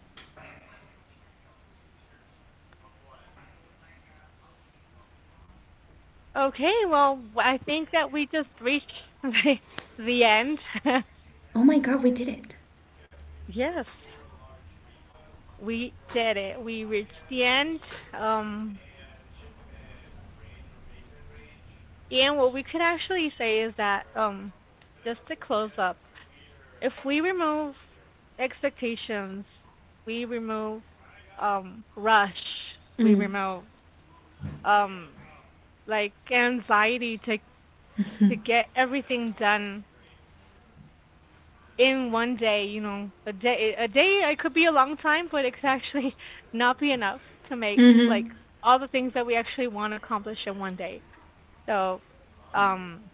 Speaker 2: Okay, well, I think that we just reached [laughs] the, the end. [laughs]
Speaker 1: Oh my god, we did it.
Speaker 2: Yes, we did it. We reached the end. Um, and what we could actually say is that, just to close up, if we remove expectations, we remove rush, we
Speaker 1: Mm,
Speaker 2: remove um, like anxiety to get everything done in one day, you know, a day it could be a long time, but it could actually [laughs] not be enough to make like all the things that we actually want to accomplish in one day. So, um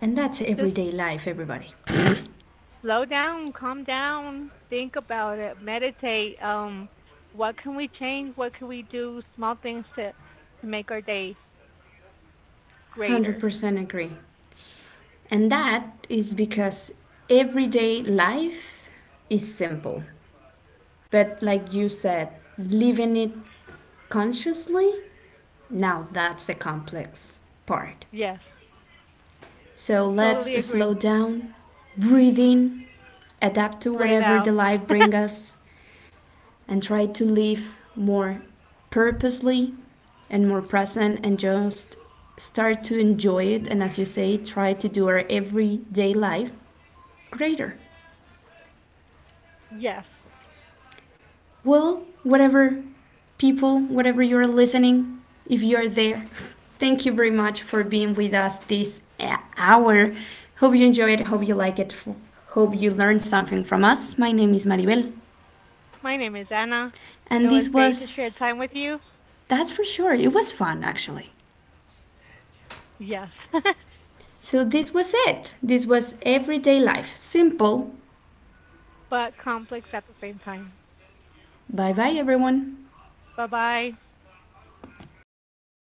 Speaker 1: and that's
Speaker 2: just
Speaker 1: everyday life everybody.
Speaker 2: slow down, calm down, think about it, meditate, what can we change? What can we do? Small things to make our day greater.
Speaker 1: 100% agree. And that is because everyday life is simple. But like you said, living it consciously, now that's the complex part.
Speaker 2: Yes.
Speaker 1: So let's
Speaker 2: Totally
Speaker 1: slow
Speaker 2: agree.
Speaker 1: down, breathe in, adapt to
Speaker 2: Breathe
Speaker 1: whatever the
Speaker 2: out.
Speaker 1: life brings us, and try to live more purposely and more present and just start to enjoy it. And as you say, try to do our everyday life greater.
Speaker 2: [laughs] Yes.
Speaker 1: Well, whatever people, whatever you're listening, if you're there, thank you very much for being with us this hour. Hope you enjoy it, hope you like it, hope you learned something from us. My name is Maribel,
Speaker 2: My name is Anna.
Speaker 1: and
Speaker 2: It was
Speaker 1: this
Speaker 2: great to share
Speaker 1: was
Speaker 2: time with you.
Speaker 1: that's for sure. It was fun actually.
Speaker 2: Yes, [laughs]
Speaker 1: So this was it. This was everyday life. Simple.
Speaker 2: but complex at the same time.
Speaker 1: Bye bye everyone.
Speaker 2: Bye bye.